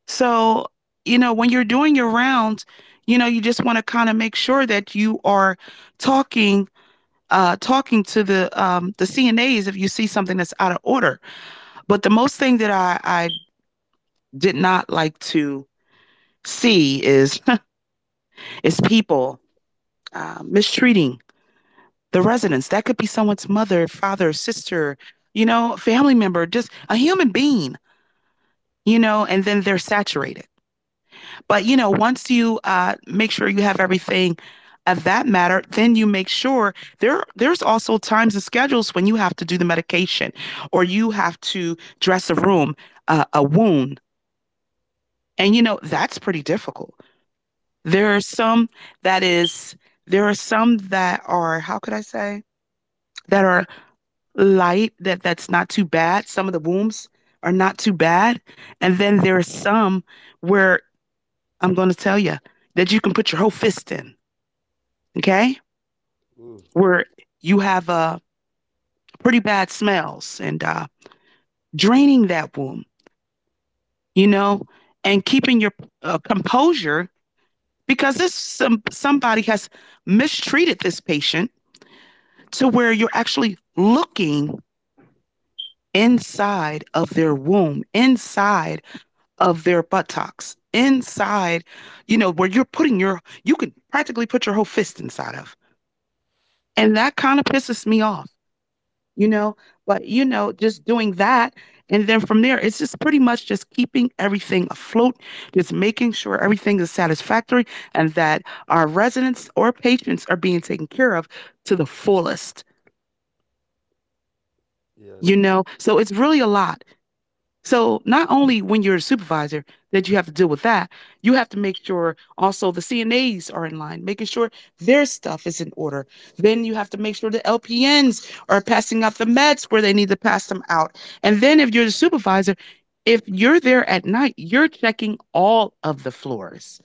Speaker 2: So, you know, when you're doing your rounds, you know, you just want to kind of make sure that you are talking talking to the CNAs if you see something that's out of order. But the most thing that I did not like to see is is people mistreating the residents. That could be someone's mother, father, sister, you know, family member, just a human being, you know, and then they're saturated. But you know, once you make sure you have everything of that matter, then you make sure there's also times and schedules when you have to do the medication or you have to dress a room, a wound, and you know that's pretty difficult. There are some that is there are some that are, how could I say, that are light, that that's not too bad. Some of the wounds are not too bad, and then there are some where I'm going to tell you that you can put your whole fist in, okay,
Speaker 1: Ooh,
Speaker 2: where you have pretty bad smells and draining that womb, you know, and keeping your composure because this somebody has mistreated this patient to where you're actually looking inside of their womb, inside of their buttocks, inside, where you're putting your, you can practically put your whole fist inside of. And that kind of pisses me off. You know? But, just doing that. And then from there, it's just pretty much just keeping everything afloat, just making sure everything is satisfactory and that our residents or patients are being taken care of to the fullest,
Speaker 1: yes.
Speaker 2: you know? So it's really a lot. So not only when you're a supervisor that you have to deal with that, you have to make sure also the CNAs are in line, making sure their stuff is in order. Then you have to make sure the LPNs are passing out the meds where they need to pass them out. And then if you're the supervisor, if you're there at night, you're checking all of the floors,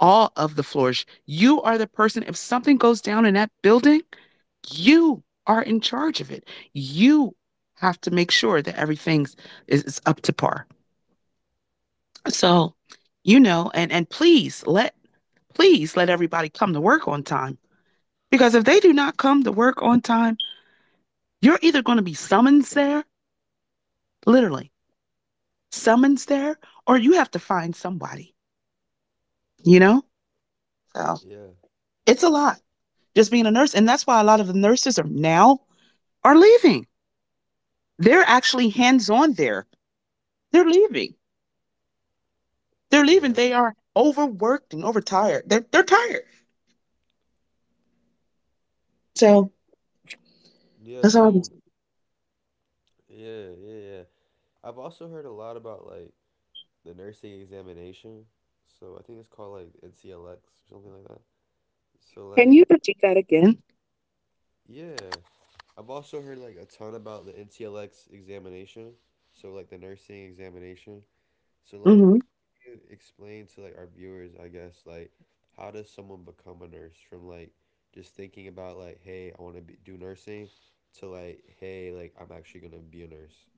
Speaker 2: all of the floors. You are the person, if something goes down in that building, you are in charge of it. You have to make sure that everything's is up to par. So, and please let everybody come to work on time, because if they do not come to work on time, you're either going to be summoned there, literally summons there, or you have to find somebody. You know, so
Speaker 1: Yeah.
Speaker 2: it's a lot just being a nurse, and that's why a lot of the nurses are now are leaving. They're actually hands on there. They're leaving. They're leaving.
Speaker 1: Yes.
Speaker 2: They are overworked and overtired. They're tired. So
Speaker 1: Yeah,
Speaker 2: that's all I can
Speaker 1: so
Speaker 2: say.
Speaker 1: yeah, yeah, yeah. I've also heard a lot about like the nursing examination. So I think it's called like NCLX or something like that. So
Speaker 2: Can
Speaker 1: like
Speaker 2: you repeat that again?
Speaker 1: yeah, I've also heard like a ton about the NCLX examination. So like the nursing examination. So
Speaker 2: Hmm.
Speaker 1: like, can you explain to like our viewers, I guess, like how does someone become a nurse from like just thinking about like, hey, I want to do nursing to like, hey, like I'm actually gonna be a nurse.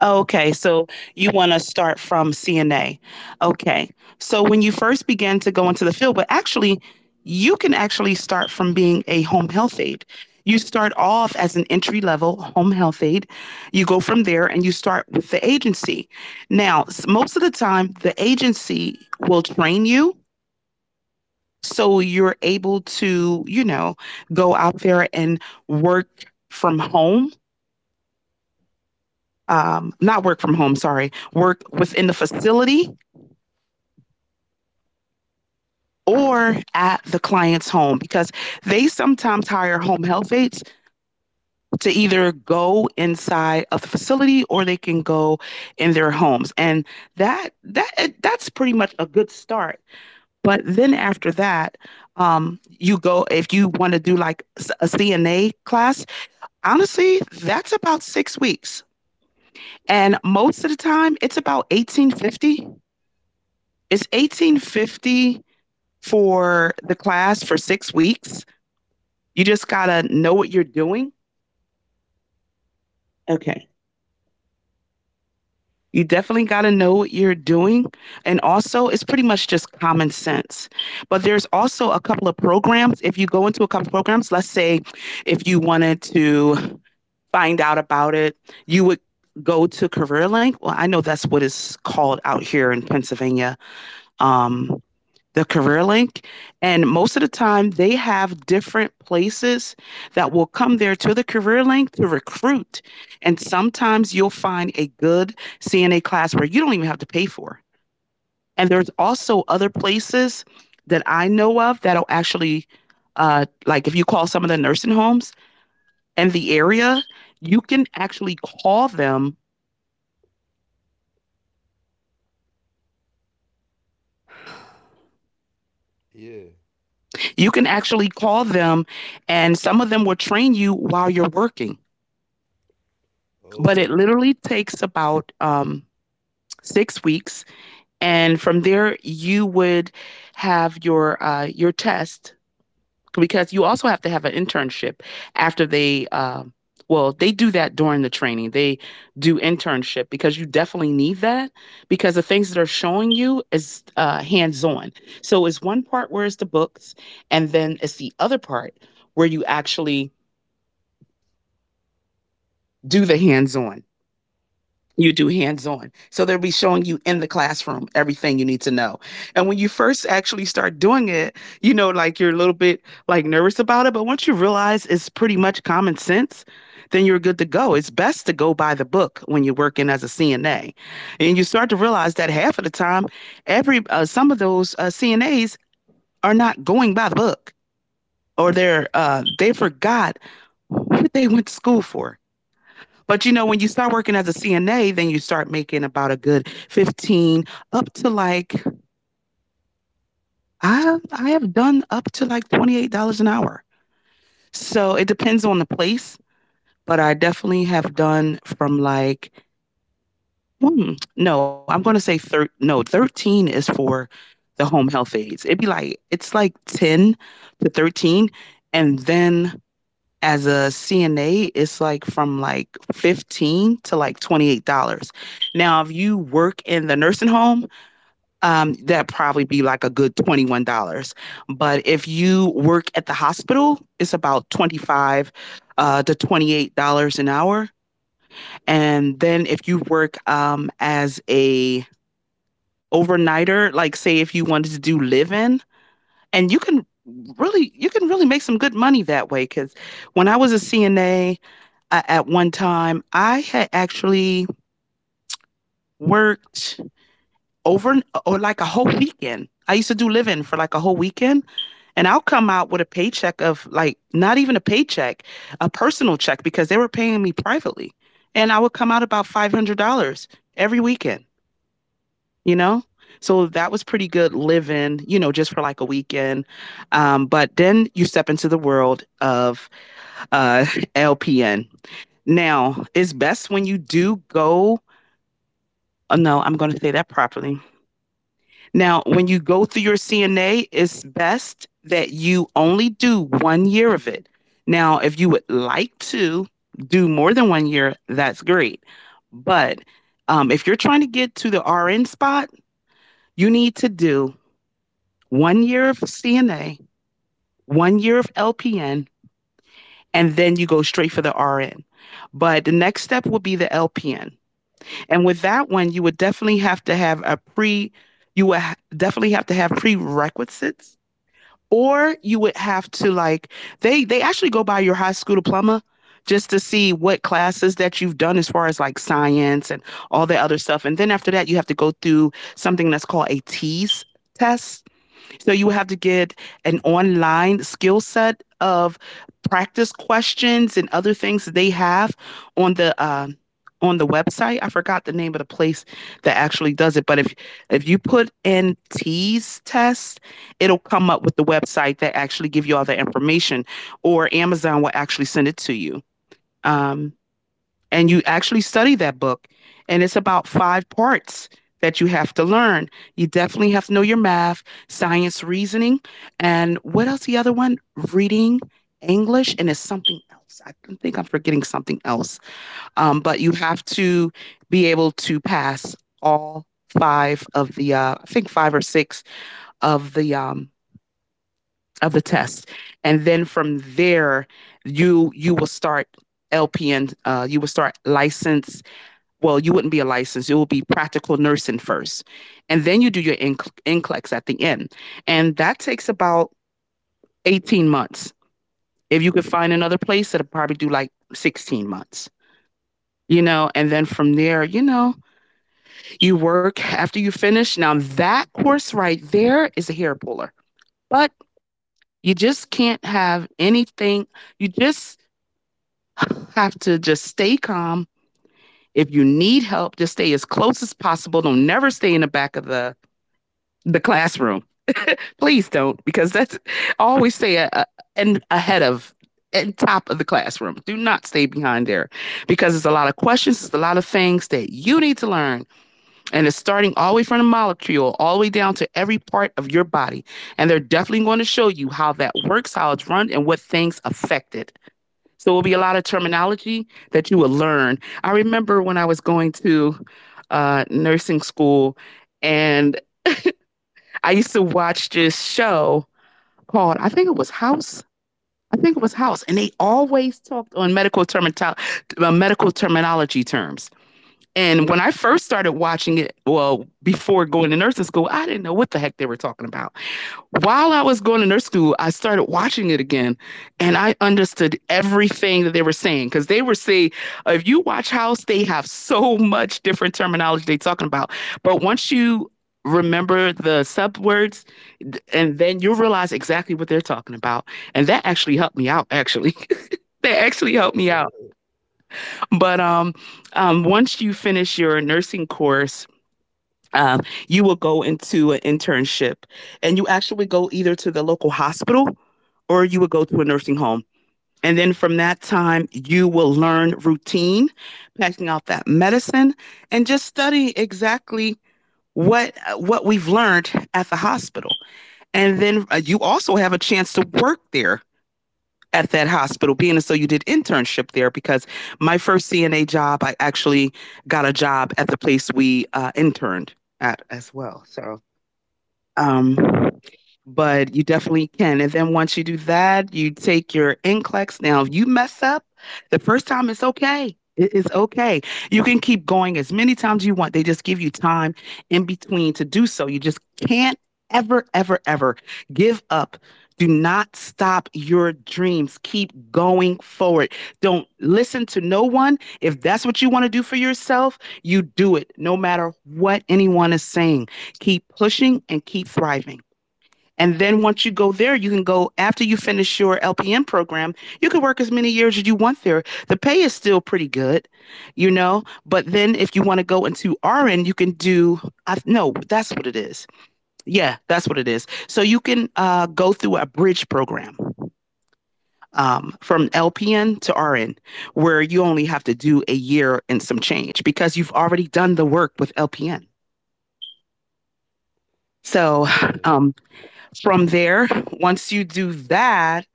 Speaker 2: Oh, okay. So you want to start from CNA. Okay. So when you first begin to go into the field, but actually, you can actually start from being a home health aide. You start off as an entry level home health aide. You go from there and you start with the agency. Now, most of the time, the agency will train you. So you're able to, go out there and work from home, not work from home, sorry, work within the facility or at the client's home because they sometimes hire home health aides to either go inside of the facility or they can go in their homes. And that's pretty much a good start. But then after that, you go if you want to do like a CNA class. Honestly, that's about 6 weeks, and most of the time it's about 18.50. It's eighteen fifty for the class for 6 weeks. You just got to know what you're doing. Okay. You definitely got to know what you're doing. And also, it's pretty much just common sense. But there's also a couple of programs. If you go into a couple of programs, let's say if you wanted to find out about it, you would go to CareerLink. Well, I know that's what it's called out here in Pennsylvania. Um, the career link. And most of the time, they have different places that will come there to the career link to recruit. And sometimes you'll find a good CNA class where you don't even have to pay for. And there's also other places that I know of that'll actually, like if you call some of the nursing homes in the area, you can actually call them.
Speaker 1: Yeah.
Speaker 2: You can actually call them, and some of them will train you while you're working. But
Speaker 1: Oh.
Speaker 2: it literally takes about 6 weeks, and from there you would have your test because you also have to have an internship after they. Well, they do that during the training. They do internship because you definitely need that because the things that are showing you is hands on. So it's one part where it's the books, and then it's the other part where you actually do the hands on. You do hands on. So they'll be showing you in the classroom everything you need to know. And when you first actually start doing it, like you're a little bit like nervous about it. But once you realize it's pretty much common sense, then you're good to go. It's best to go by the book when you're working as a CNA. And you start to realize that half of the time, every some of those CNAs are not going by the book, or they forgot what they went to school for. When you start working as a CNA, then you start making about a good 15 up to like I have done up to like $28 an hour. So it depends on the place, but I definitely have done from like no, I'm gonna say thir- no 13 is for the home health aides. It'd be like it's like 10 to 13, and then as a CNA, it's like from like 15 to like $28. Now, if you work in the nursing home, that probably be like a good $21. But if you work at the hospital, it's about $25 to $28 an hour. And then if you work as a overnighter, like say if you wanted to do live-in, and you can really make some good money that way because when I was a CNA at one time. I had actually worked over or like a whole weekend. I used to do living for like a whole weekend. And I'll come out with a paycheck of like not even a paycheck, a personal check because they were paying me privately. And I would come out about $500 every weekend, you know? So that was
Speaker 1: Yeah.
Speaker 2: pretty good living, just for like a weekend. But then you step into the world of uh, LPN. Now, it's best when you do go. No, I'm going to say that properly. Now, when you go through your CNA, it's best that you only do one year of it. Now, if you would like to do more than one year, that's great. But if you're trying to get to the RN spot, you need to do one year of CNA, one year of LPN, and then you go straight for the RN. But the next step will be the LPN. And with that one, you would definitely have to have a pre, you would ha- definitely have to have prerequisites, or you would have to like they actually go by your high school diploma just to see what classes that you've done as far as like science and all that other stuff. And then after that, you have to go through something that's called a TEAS test, so you have to get an online skill set of practice questions and other things that they have on the website. I forgot the name of the place that actually does it, but if you put in T's test, it'll come up with the website that actually give you all the information, or Amazon will actually send it to you. Um, and you actually study that book. And it's about five parts that you have to learn. You definitely have to know your math, science, reasoning, and what else? The other one, reading, English, and it's something else. I think I'm forgetting something else. But you have to be able to pass all five of the, I think five or six of the tests, and then from there, you will start LPN. You will start license, well, you wouldn't be a license. It will be practical nursing first. And then you do your NCLEX at the end. And that takes about 18 months. If you could find another place, that'll probably do like 16 months, you know? And then from there, you work after you finish. Now, that course right there is a hair puller, but you just can't have anything. You just have to just stay calm. If you need help, just stay as close as possible. Don't never stay in the back of the classroom. Please don't, because that's I always stay and ahead of and top of the classroom. Do not stay behind there because there's a lot of questions, there's a lot of things that you need to learn. And it's starting all the way from the molecule, all the way down to every part of your body. And they're definitely going to show you how that works, how it's run, and what things affect it. So it will be a lot of terminology that you will learn. I remember when I was going to nursing school and I used to watch this show called. I think it was House. I think it was House, and they always talked on medical terminology terms. And when I first started watching it, well, before going to nursing school, I didn't know what the heck they were talking about while I was going to nurse school, I started watching it again, and I understood everything that they were saying, because they were saying, if you watch House, they have so much different terminology they are talking about. But once you remember the subwords, and then you realize exactly what they're talking about. And that actually helped me out, actually. That actually helped me out. But once you finish your nursing course, um, you will go into an internship, and you actually go either to the local hospital or you will go to a nursing home. And then from that time, you will learn routine, packing out that medicine, and just study exactly what we've learned at the hospital. And then you also have a chance to work there at that hospital, being as though you did internship there, because my first CNA job, I actually got a job at the place we interned at as well. So um, but you definitely can. And then once you do that, you take your NCLEX. Now, if you mess up the first time, it's okay. It is okay. You can keep going as many times you want. They just give you time in between to do so. You just can't ever, ever, ever give up. Do not stop your dreams. Keep going forward. Don't listen to no one. If that's what you want to do for yourself, you do it no matter what anyone is saying. Keep pushing and keep thriving. And then once you go there, you can go after you finish your LPN program, you can work as many years as you want there. The pay is still pretty good, you know, but then if you want to go into RN, you can do, I, no, that's what it is. Yeah, that's what it is. So you can go through a bridge program from LPN to RN, where you only have to do a year and some change because you've already done the work with LPN. So
Speaker 1: Yeah.
Speaker 2: um, From there, once you do that,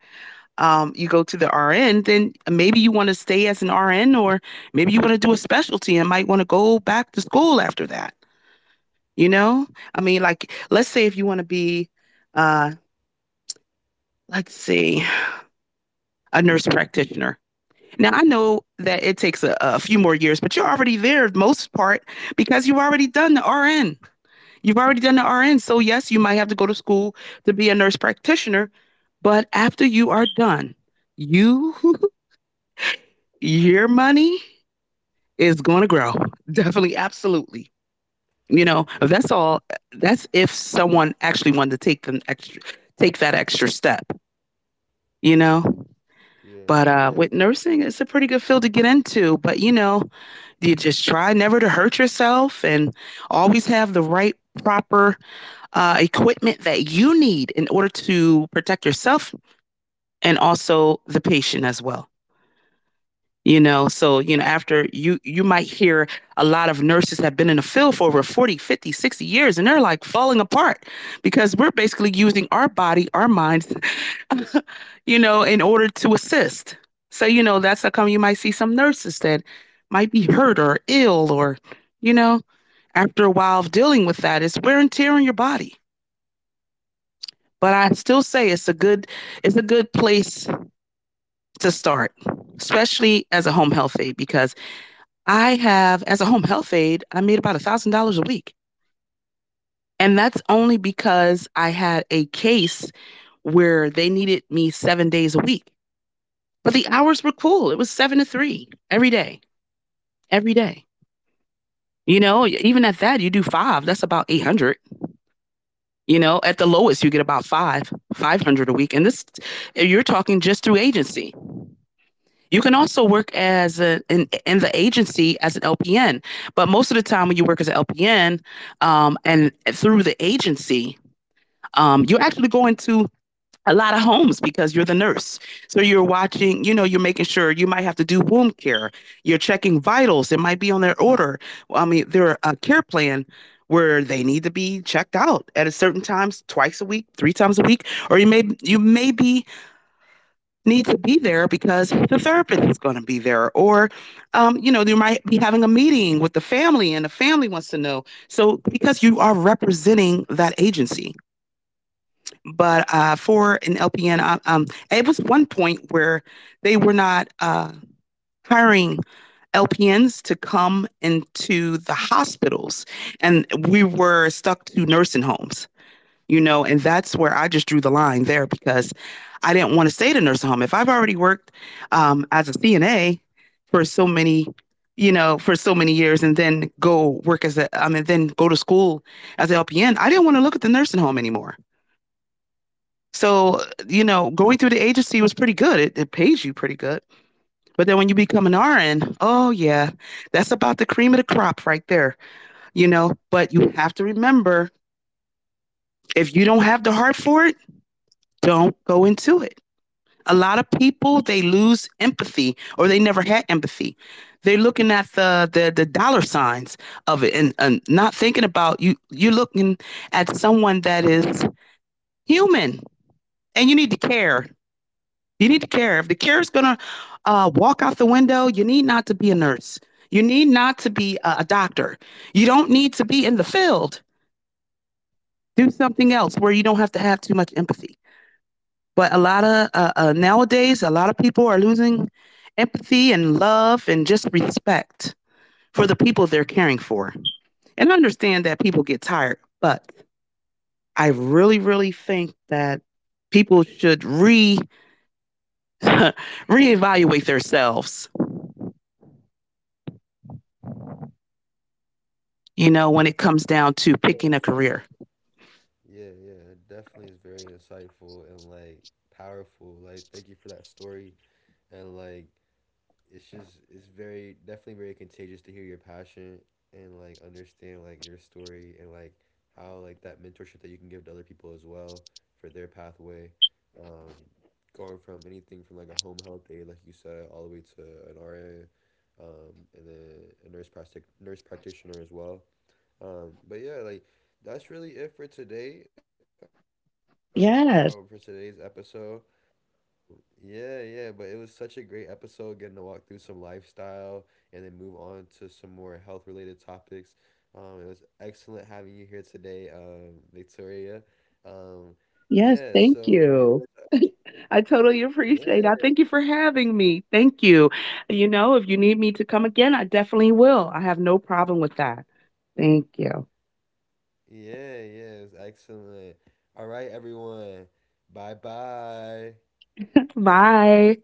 Speaker 2: you go to the RN, then maybe you want to stay as an RN, or maybe you want to do a specialty and might want to go back to school after that. You know, I mean, like, let's say if you want to be, uh, let's see, a nurse practitioner. Now, I know that it takes a few more years, but you're already there, most part, because you've already done the RN. You've already done the RN. So, yes, you might have to go to school to be a nurse practitioner. But after you are done, you, your money is going to grow. Definitely, absolutely. You know,
Speaker 1: Yeah.
Speaker 2: that's all. That's if someone actually wanted to take them extra, take that extra step. You know,
Speaker 1: Yeah.
Speaker 2: but
Speaker 1: Yeah.
Speaker 2: with nursing, it's a pretty good field to get into. But you know, you just try never to hurt yourself, and always have the right, proper equipment that you need in order to protect yourself, and also the patient as well. You know, so you know, after you might hear a lot of nurses have been in the field for over 40, 50, 60 years, and they're like falling apart, because we're basically using our body, our minds, you know, in order to assist. So you know, that's how come you might see some nurses that might be hurt or ill, or you know, after a while of dealing with that, it's wear and tear on your body. But I still say it's a good, it's a good place to start, especially as a home health aide, because I have, as a home health aide, I made about $1,000 a week, and that's only because I had a case where they needed me 7 days a week, but the hours were cool. It was 7 to 3 every day, every day. You know, even at that, you do five. That's about 800. You know, at the lowest, you get about 500 a week, and this you're talking just through agency. You can also work as in the agency as an LPN, but most of the time when you work as an LPN and through the agency, you actually go into a lot of homes because you're the nurse. So you're watching, you know, you're making sure you might have to do womb care. You're checking vitals. It might be on their order. I mean, their care plan where they need to be checked out at a certain times, twice a week, 3 times a week, or you may be need to be there because the therapist is going to be there, or you know, you might be having a meeting with the family and the family wants to know, so because you are representing that agency. But for an lpn um, it was one point where they were not hiring LPNs to come into the hospitals, and we were stuck to nursing homes. You know, and that's where I just drew the line there, because I didn't want to stay at a nursing home. If I've already worked as a CNA for so many, you know, for so many years, and then go work as a, I mean, then go to school as an LPN, I didn't want to look at the nursing home anymore. So, you know, going through the agency was pretty good. It pays you pretty good. But then when you become an RN, oh, yeah, that's about the cream of the crop right there, you know. But you have to remember, if you don't have the heart for it, don't go into it. A lot of people, they lose empathy, or they never had empathy. They're looking at the dollar signs of it, and not thinking about you. You're looking at someone that is human, and you need to care. You need to care. If the care is going to walk out the window, you need not to be a nurse. You need not to be a doctor. You don't need to be in the field. Do something else where you don't have to have too much empathy. But a lot of nowadays, a lot of people are losing empathy and love and just respect for the people they're caring for. And I understand that people get tired, but I really, really think that people should re reevaluate themselves. You know, when it comes down to
Speaker 1: so
Speaker 2: picking a
Speaker 1: I def-
Speaker 2: career.
Speaker 1: Yeah, yeah, it definitely is very insightful and like powerful. Like, thank you for that story. And like, it's very definitely very contagious to hear your passion, and like understand like your story and like how like that mentorship that you can give to other people as well for their pathway um going from anything from like a home health aide like you said all the way to an RA and then a nurse practitioner as well, but yeah like that's really it for today, for today's episode.
Speaker 2: Yes.
Speaker 1: Yeah, yeah, but it was such a great episode getting to walk through some lifestyle and then move on to some more health related topics. It was excellent having you here today, Victoria. Um, yeah,
Speaker 2: Yes,
Speaker 1: so
Speaker 2: thank
Speaker 1: viewers,
Speaker 2: you. I totally
Speaker 1: yeah,
Speaker 2: appreciate it. I thank you for having me. Thank you. You know, if you need me to come again, I definitely will. I have no problem with that. Thank you.
Speaker 1: yeah, yeah, it was excellent. All right, everyone, bye bye.
Speaker 2: Bye.